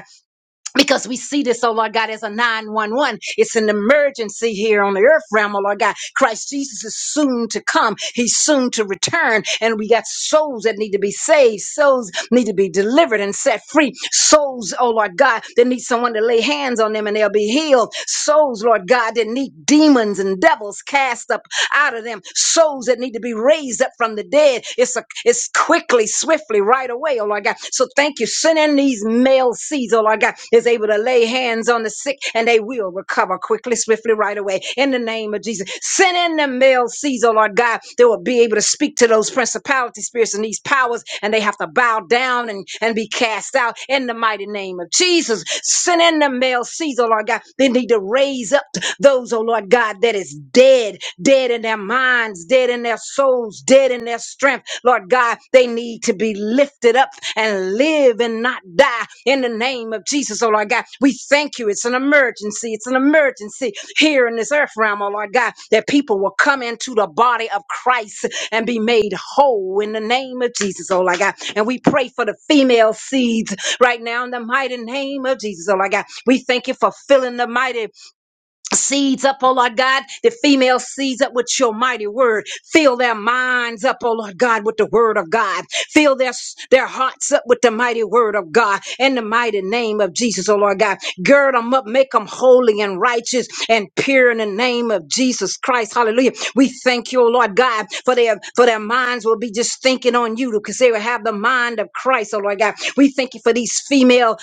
Speaker 2: because we see this, oh Lord God, as a 911. It's an emergency here on the earth realm, oh Lord God. Christ Jesus is soon to come. He's soon to return. And we got souls that need to be saved. Souls need to be delivered and set free. Souls, oh Lord God, that need someone to lay hands on them and they'll be healed. Souls, Lord God, that need demons and devils cast up out of them souls that need to be raised up from the dead. It's a, it's quickly, swiftly, right away, oh Lord God. So thank you. Send in these male seeds, oh Lord God, is able to lay hands on the sick and they will recover quickly, swiftly, right away. In the name of Jesus. Send in the male seeds, oh Lord God, they will be able to speak to those principality spirits and these powers and they have to bow down and, and be cast out in the mighty name of Jesus. Send in the male seeds, oh Lord God. They need to raise up those, oh Lord God. God, that is dead, dead in their minds, dead in their souls, dead in their strength. Lord God, they need to be lifted up and live and not die in the name of Jesus, oh Lord God. We thank you. It's an emergency. It's an emergency here in this earth realm, oh Lord God, that people will come into the body of Christ and be made whole in the name of Jesus, oh Lord God. And we pray for the female seeds right now in the mighty name of Jesus, oh Lord God. We thank you for filling the mighty seeds up, oh Lord God, the female seeds up with your mighty word. Fill their minds up, oh Lord God, with the word of God. Fill their, their hearts up with the mighty word of God in the mighty name of Jesus, oh Lord God. Gird them up, make them holy and righteous and pure in the name of Jesus Christ. Hallelujah. We thank you, oh Lord God, for their for their minds will be just thinking on you because they will have the mind of Christ, oh Lord God. We thank you for these female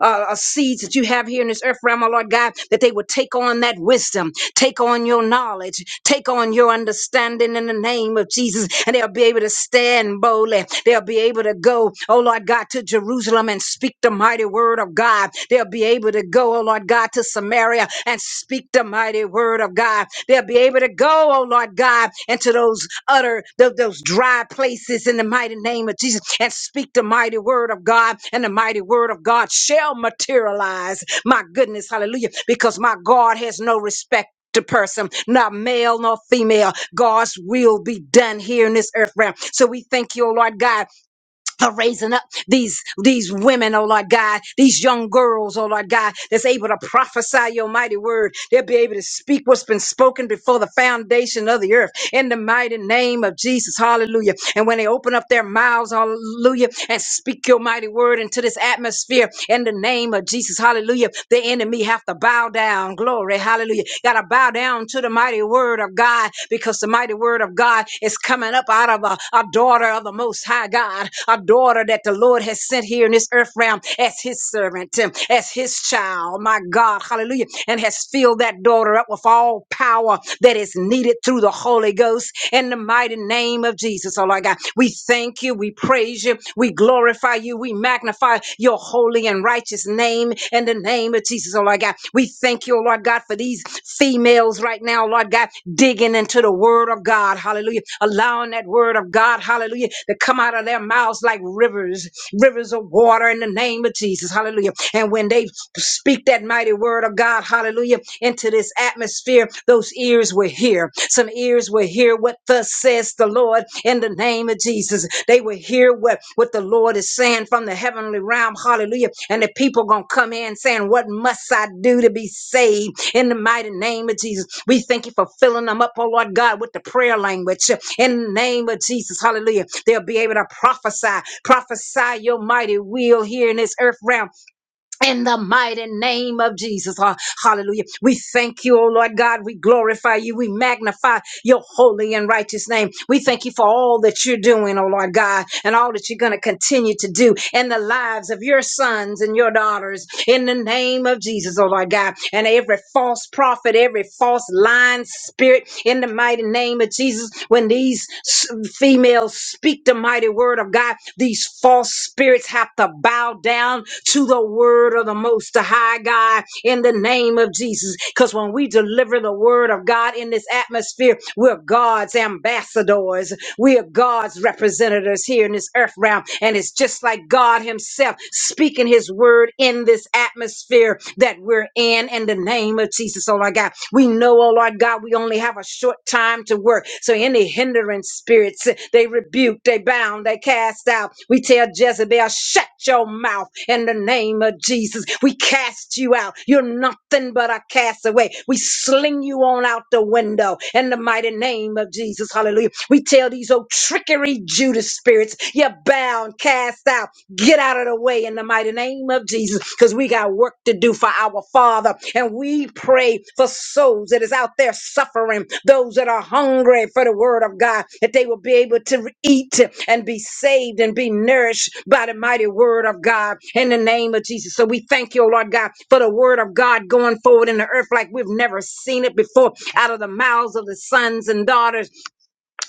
Speaker 2: uh, uh, seeds that you have here in this earth realm, oh Lord God, that they would take on that wisdom, take on your knowledge, take on your understanding in the name of Jesus, and they'll be able to stand boldly. They'll be able to go, oh Lord God, to Jerusalem and speak the mighty word of God. They'll be able to go, oh Lord God, to Samaria and speak the mighty word of God. They'll They'll be able to go, oh Lord God, into those utter, tho- those dry places in the mighty name of Jesus and speak the mighty word of God. And the mighty word of God shall materialize. My goodness, hallelujah, because my God has no respect. To person, not male nor female. God's will be done here in this earth realm. So we thank you, oh Lord God, for raising up these these women, oh Lord God, these young girls, oh Lord God, that's able to prophesy your mighty word. They'll be able to speak what's been spoken before the foundation of the earth in the mighty name of Jesus. Hallelujah. And when they open up their mouths, hallelujah, and speak your mighty word into this atmosphere in the name of Jesus. Hallelujah. The enemy have to bow down. Glory. Hallelujah. Gotta bow down down to the mighty word of God because the mighty word of God is coming up out of a, a daughter of the Most High God, a daughter that the Lord has sent here in this earth realm as his servant, um, as his child, my God, hallelujah, and has filled that daughter up with all power that is needed through the Holy Ghost in the mighty name of Jesus, oh Lord God. We thank you, we praise you, we glorify you, we magnify magnify your holy and righteous name in the name of Jesus, oh Lord God. We thank you, oh Lord God, for these females right now, Lord God, digging into the word of God, hallelujah, allowing that word of God, hallelujah, to come out of their mouths like rivers, rivers of water in the name of Jesus, hallelujah. And when they speak that mighty word of God, hallelujah, into this atmosphere, those ears will hear, some ears will hear what thus says the Lord in the name of Jesus. They will hear what, what the Lord is saying from the heavenly realm. Hallelujah. And the people going to come in saying, What must I do to be saved? In the mighty name of Jesus. We thank you for filling them up, oh Lord God, with the prayer language. In the name of Jesus. Hallelujah. They'll be able to prophesy, prophesy your mighty will here in this earth realm in the mighty name of Jesus. Ah, hallelujah. We thank you, O Lord God. We glorify you. We magnify your holy and righteous name. We thank you for all that you're doing, O Lord God, and all that you're going to continue to do in the lives of your sons and your daughters in the name of Jesus, O Lord God. And every false prophet, every false lying spirit in the mighty name of Jesus, when these s- females else speak the mighty word of God, these false spirits have to bow down to the word of the Most High God in the name of Jesus. Because when we deliver the word of God in this atmosphere, we're God's ambassadors. We are God's representatives here in this earth realm. And it's just like God Himself speaking His word in this atmosphere that we're in in the name of Jesus. So like Lord God. We know, oh Lord God, we only have a short time to work. So any hindrance spirits, they rebuke, they bound, they cast out. We tell Jezebel, shut your mouth in the name of Jesus. We cast you out. You're nothing but a castaway. We sling you on out the window in the mighty name of Jesus. Hallelujah. We tell these old trickery Judas spirits, you're bound, cast out. Get out Get out of the way in the mighty name of Jesus because we got work to do for our Father. And we pray for souls that is out there suffering, those that are hungry for the word of God, that they will be able to eat and be saved and be nourished by the mighty word of God in the name of Jesus. So we thank you, oh Lord God, for the word of God going forward in the earth like we've never seen it before out of the mouths of the sons and daughters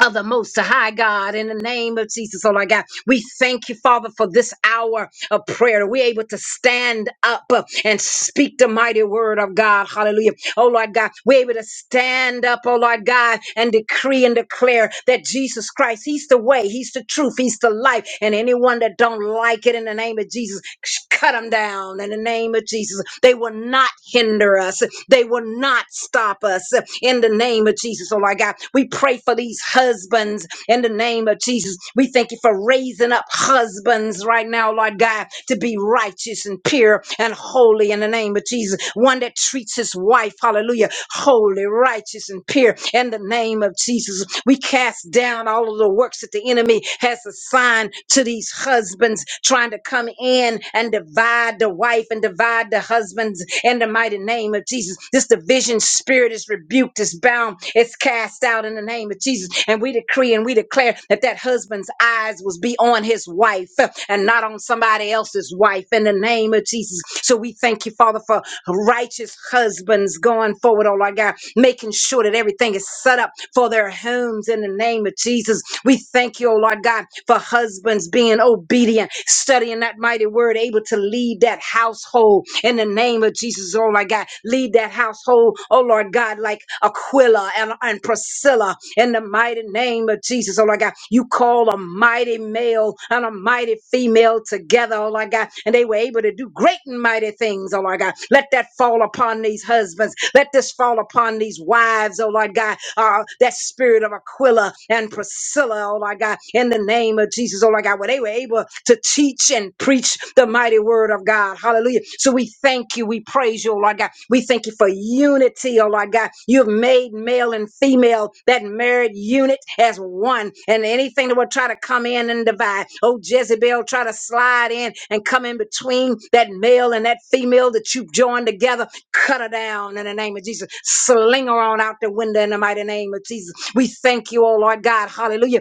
Speaker 2: of the Most High God, in the name of Jesus, oh Lord God, we thank you, Father, for this hour of prayer. We're able to stand up uh, and speak the mighty word of God. Hallelujah. Oh Lord God, we're able to stand up, oh Lord God, and decree and declare that Jesus Christ, He's the way, He's the truth, He's the life. And anyone that don't like it in the name of Jesus, sh- cut them down in the name of Jesus. They will not hinder us. They will not not stop us uh, in the name of Jesus. Oh, Lord God, we pray for these husbands in the name of Jesus. We thank you for raising up husbands right now, Lord God, to be righteous and pure and holy in the name of Jesus. One that treats his wife, hallelujah, holy, righteous, and pure in the name of Jesus. We cast down all of the works that the enemy has assigned to these husbands trying to come in and divide divide the wife and divide the husbands in the mighty name of Jesus. This division spirit is rebuked, is bound, it's cast out in the name of Jesus. And we decree and we declare that that husband's eyes was be on his wife and not on somebody else's wife in the name of Jesus. So we thank you, Father, for righteous husbands going forward, oh Lord God, making sure that everything is set up for their homes in the name of Jesus. We thank you, oh Lord God, for husbands being obedient, studying that mighty word, able to lead that household in the name of Jesus, oh my God. Lead that household, oh Lord God, like Aquila and, and Priscilla in the mighty name of Jesus, oh Lord God. You call a mighty male and a mighty female together, oh Lord God, and they were able to do great and mighty things, oh Lord God. Let that fall upon these husbands. Let this fall upon these wives, oh Lord God Uh, uh, that spirit of Aquila and Priscilla, oh my God, in the name of Jesus, oh my God, where they were able to teach and preach the mighty word of God. Hallelujah. So we thank you. We praise you, oh Lord God. We thank you for unity, oh Lord God. You've made male and female, that married unit, as one. And anything that will try to come in and divide, oh Jezebel, try to slide in and come in between that male and that female that you've joined together. Cut her down in the name of Jesus. Sling her on out the window in the mighty name of Jesus. We thank you, oh Lord God. Hallelujah.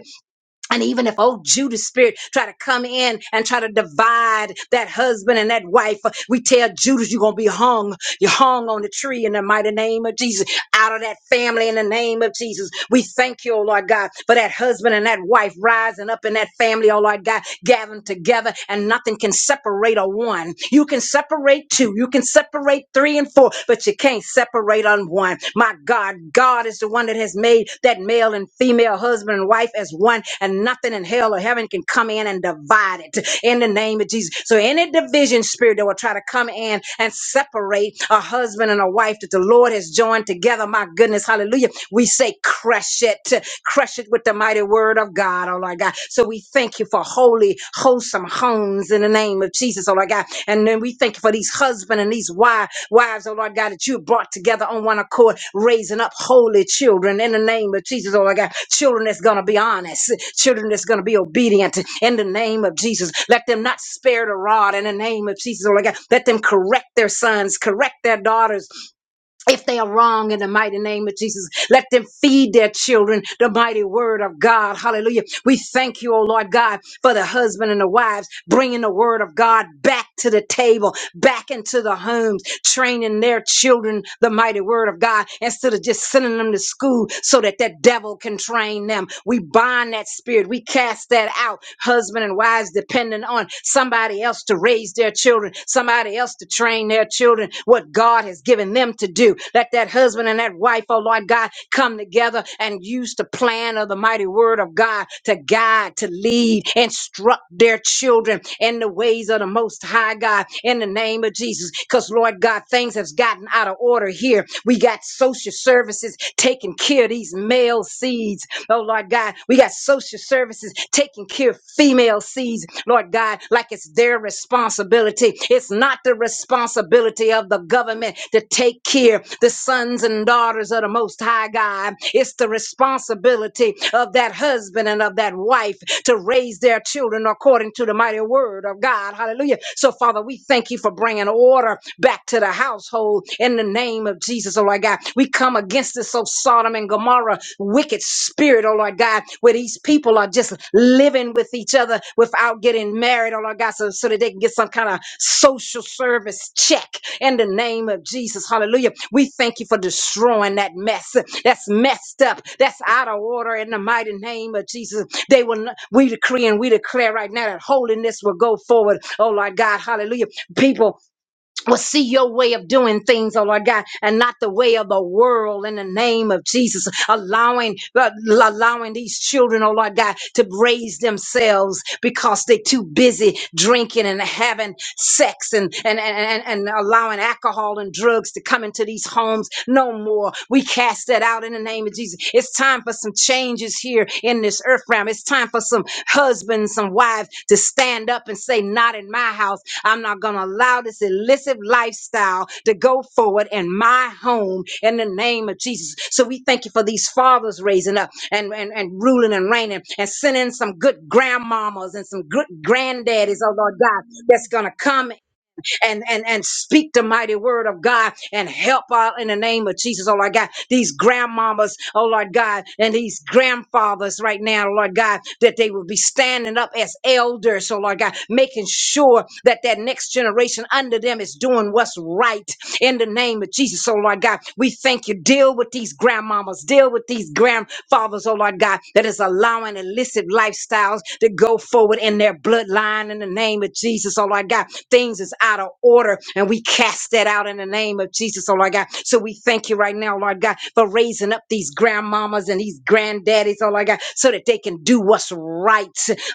Speaker 2: And even if old Judas spirit try to come in and try to divide that husband and that wife, we tell Judas you're gonna be hung. You're hung on the tree in the mighty name of Jesus out of that family in the name of Jesus. We thank you, oh Lord God, for that husband and that wife rising up in that family, oh Lord God, gathering together, and nothing can separate a one. You can separate two, you can separate three and four, but you can't separate on one. My God, God is the one that has made that male and female husband and wife as one, and nothing in hell or heaven can come in and divide it in the name of Jesus. So any division spirit that will try to come in and separate a husband and a wife that the Lord has what is joined together. My goodness, hallelujah. We say, crush it, crush it with the mighty word of God, oh Lord God. So we thank you for holy, wholesome homes in the name of Jesus, oh Lord God. And then we thank you for these husbands and these wives, wives, oh Lord God, that you brought together on one accord, raising up holy children in the name of Jesus, oh Lord God. Children that's going to be honest, children that's going to be obedient in the name of Jesus. Let them not spare the rod in the name of Jesus, oh Lord God. Let them correct their sons, correct their daughters if they are wrong in the mighty name of Jesus, let them feed their children the mighty word of God. Hallelujah. We thank you, oh Lord God, for the husband and the wives bringing the word of God back to the table, back into the homes, training their children the mighty word of God instead of just sending them to school so that that devil can train them. We bind that spirit. We cast that out. Husband and wives depending on somebody else to raise raise their children, somebody else to train their children what God has given them to do. Let that husband and that wife, oh Lord God, come together and use the plan of the mighty word of God to guide, to lead, instruct their children in the ways of the most high God in the name of Jesus. Because Lord God, things have gotten out of order here. We got social services taking care of these male seeds. Oh Lord God, we got social services, taking care of female seeds, Lord God, like it's their responsibility. It's not the responsibility of the government to take care of the sons and daughters of the Most High God. It's the responsibility of that husband and of that wife to raise their children according to the mighty word of God. Hallelujah. So, Father, we thank you for bringing order back to the household in the name of Jesus, oh Lord God. We come come against this, oh Sodom and Gomorrah, wicked spirit, oh Lord God, where these people are just living with each other without getting married, oh Lord God, so, so that they can get some kind of social service check in the name of Jesus. Hallelujah. We thank you for destroying that mess that's messed up, that's out of order in the mighty name of Jesus. They will not, we decree and we declare right now that holiness will go forward. Oh Lord God, hallelujah. People will see your way of doing things, oh Lord God, and not the way of the world in the name of Jesus, allowing, uh, allowing these children, oh Lord God, to raise themselves because they're too busy drinking and having sex and, and, and, and, and allowing alcohol and drugs to come into these homes no more. We cast that out in the name of Jesus. It's time for some change change is here in this earth realm. It's time for some husbands, some wives to stand up and say, Not in my house. I'm not going to allow this illicit lifestyle to go forward in my home in the name of Jesus. So we thank you for these fathers raising up and, and, and ruling and reigning and sending some good grandmamas and some good granddaddies, oh Lord God, that's going to come and and and speak the mighty word of God and help out in the name of Jesus, oh Lord God. These grandmamas, oh Lord God, and these grandfathers right now, Lord God, that they will be standing up as elders, oh Lord God, making sure that that next generation under them is doing what's right in the name of Jesus, oh Lord God. We thank you. Deal with these grandmamas, deal with these grandfathers, oh Lord God, that is allowing illicit lifestyles themselves to go forward in their bloodline in the name of Jesus, oh Lord God. Things is out of order and we cast that out in the name of Jesus, oh Lord God. So we thank you right now, Lord God, for raising up these grandmamas and these granddaddies, oh Lord God, so that they can do what's right,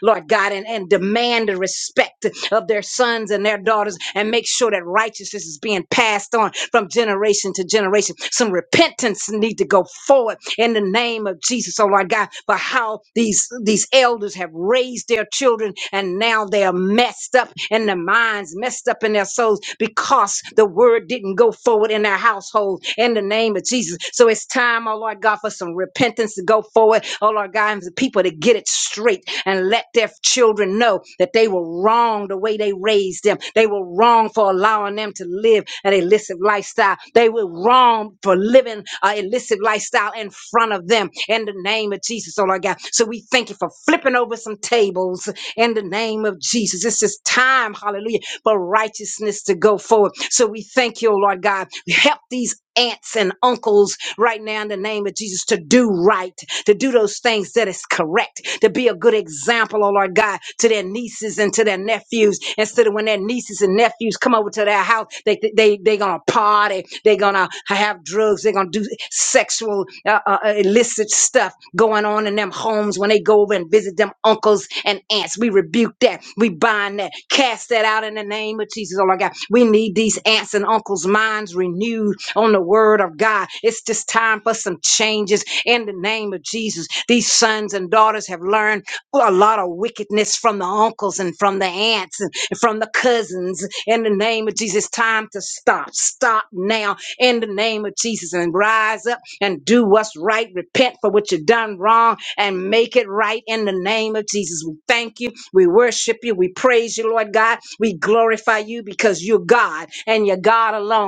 Speaker 2: Lord God, and, and demand the respect of their sons and their daughters and make sure that righteousness is being passed on from generation to generation. Some repentance need to go forward in the name of Jesus, oh Lord God, but how these these elders have raised their children and now they are messed up in their minds, messed up in their souls because the word didn't go forward in their household in the name of Jesus. So it's time, oh Lord God, for some repentance to go forward, oh Lord God, and for people to get it straight and let their children know that they were wrong the way they raised them. They were wrong for allowing them to to live an illicit lifestyle. They were wrong for living an illicit lifestyle in front of them in the name of Jesus, oh Lord God. So we thank you for flipping over some tables in the name of Jesus. This is time, hallelujah, for righteousness to go forward. So we thank you, oh Lord God. Help these aunts and uncles right now in the name of Jesus to do right, to do those things that is correct, to be a good example, oh Lord God, to their nieces and to their nephews. Instead of when their nieces and nephews come over to their house, they they they gonna party, they gonna have drugs, they gonna do sexual uh, uh, uh, illicit stuff going on in them homes when they go over and visit them uncles and aunts. We rebuke that, we bind that, cast that out in the name of Jesus, oh Lord God. We need these aunts and uncles' minds renewed renewed on the word of God. It's just time for some changes in the name of Jesus. These sons and daughters have learned a lot of wickedness from the uncles and from the aunts and from the cousins. In the name of Jesus, time to stop. Stop now in the name of Jesus and rise up and do what's right. Repent for what you've done wrong and make it right in the name of Jesus. We thank you. We worship you. We praise you, Lord God. We glorify you because you're God and you're God alone.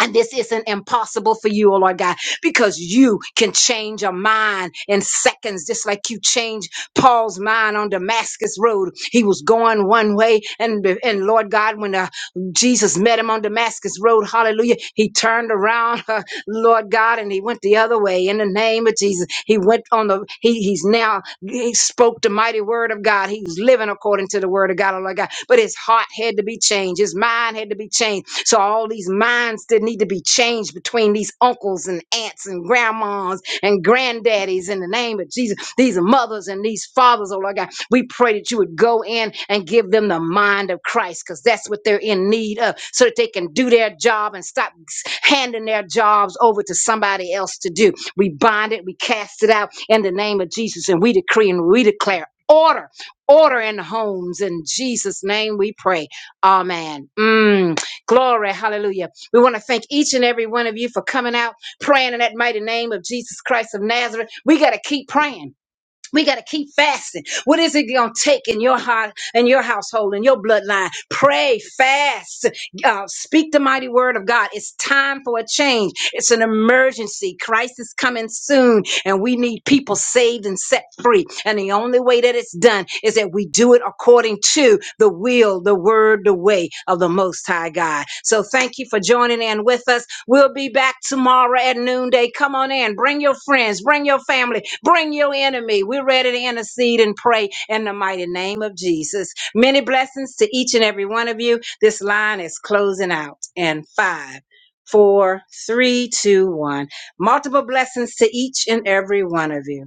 Speaker 2: And this isn't impossible for you, oh Lord God, because you can change a mind in seconds, just like you changed Paul's mind on Damascus Road. He was going one way, and, and Lord God, when uh, Jesus met him on Damascus Road, hallelujah, he turned around, Lord God, and he went the other way in the name of Jesus. He went on the, he, he's now, he spoke the mighty word of God. He was living according to the word of God, oh Lord God. But his heart had to be changed. His mind had to be changed. So all these minds that need to be changed between these uncles and aunts and grandmas and granddaddies in the name of Jesus. These are mothers and these fathers, oh Lord God. We pray that you would go in and give them the mind of Christ because that's what they're in need of so that they can do their job and stop handing their jobs over to somebody else to do. We bind it, we cast it out in the name of Jesus, and we decree and we declare order, order in the homes. In Jesus' name we pray. Amen. Mm, glory. Hallelujah. We want to thank each and every one of you for coming out, praying in that mighty name of Jesus Christ of Nazareth. We got to keep praying. We got to keep fasting. What is it going to take in your heart, in your household, in your bloodline? Pray, fast, uh, speak the mighty word of God. It's time for a change. It's an emergency. Christ is coming soon. And we need people saved and set free. And the only way that it's done is that we do it according to the will, the word, the way of the Most High God. So thank you for joining in with us. We'll be back tomorrow at noonday. Come on in. Bring your friends, bring your family, bring your enemy. We're ready to intercede and pray in the mighty name of Jesus. Many blessings to each and every one of you. This line is closing out in five, four, three, two, one. Multiple blessings to each and every one of you.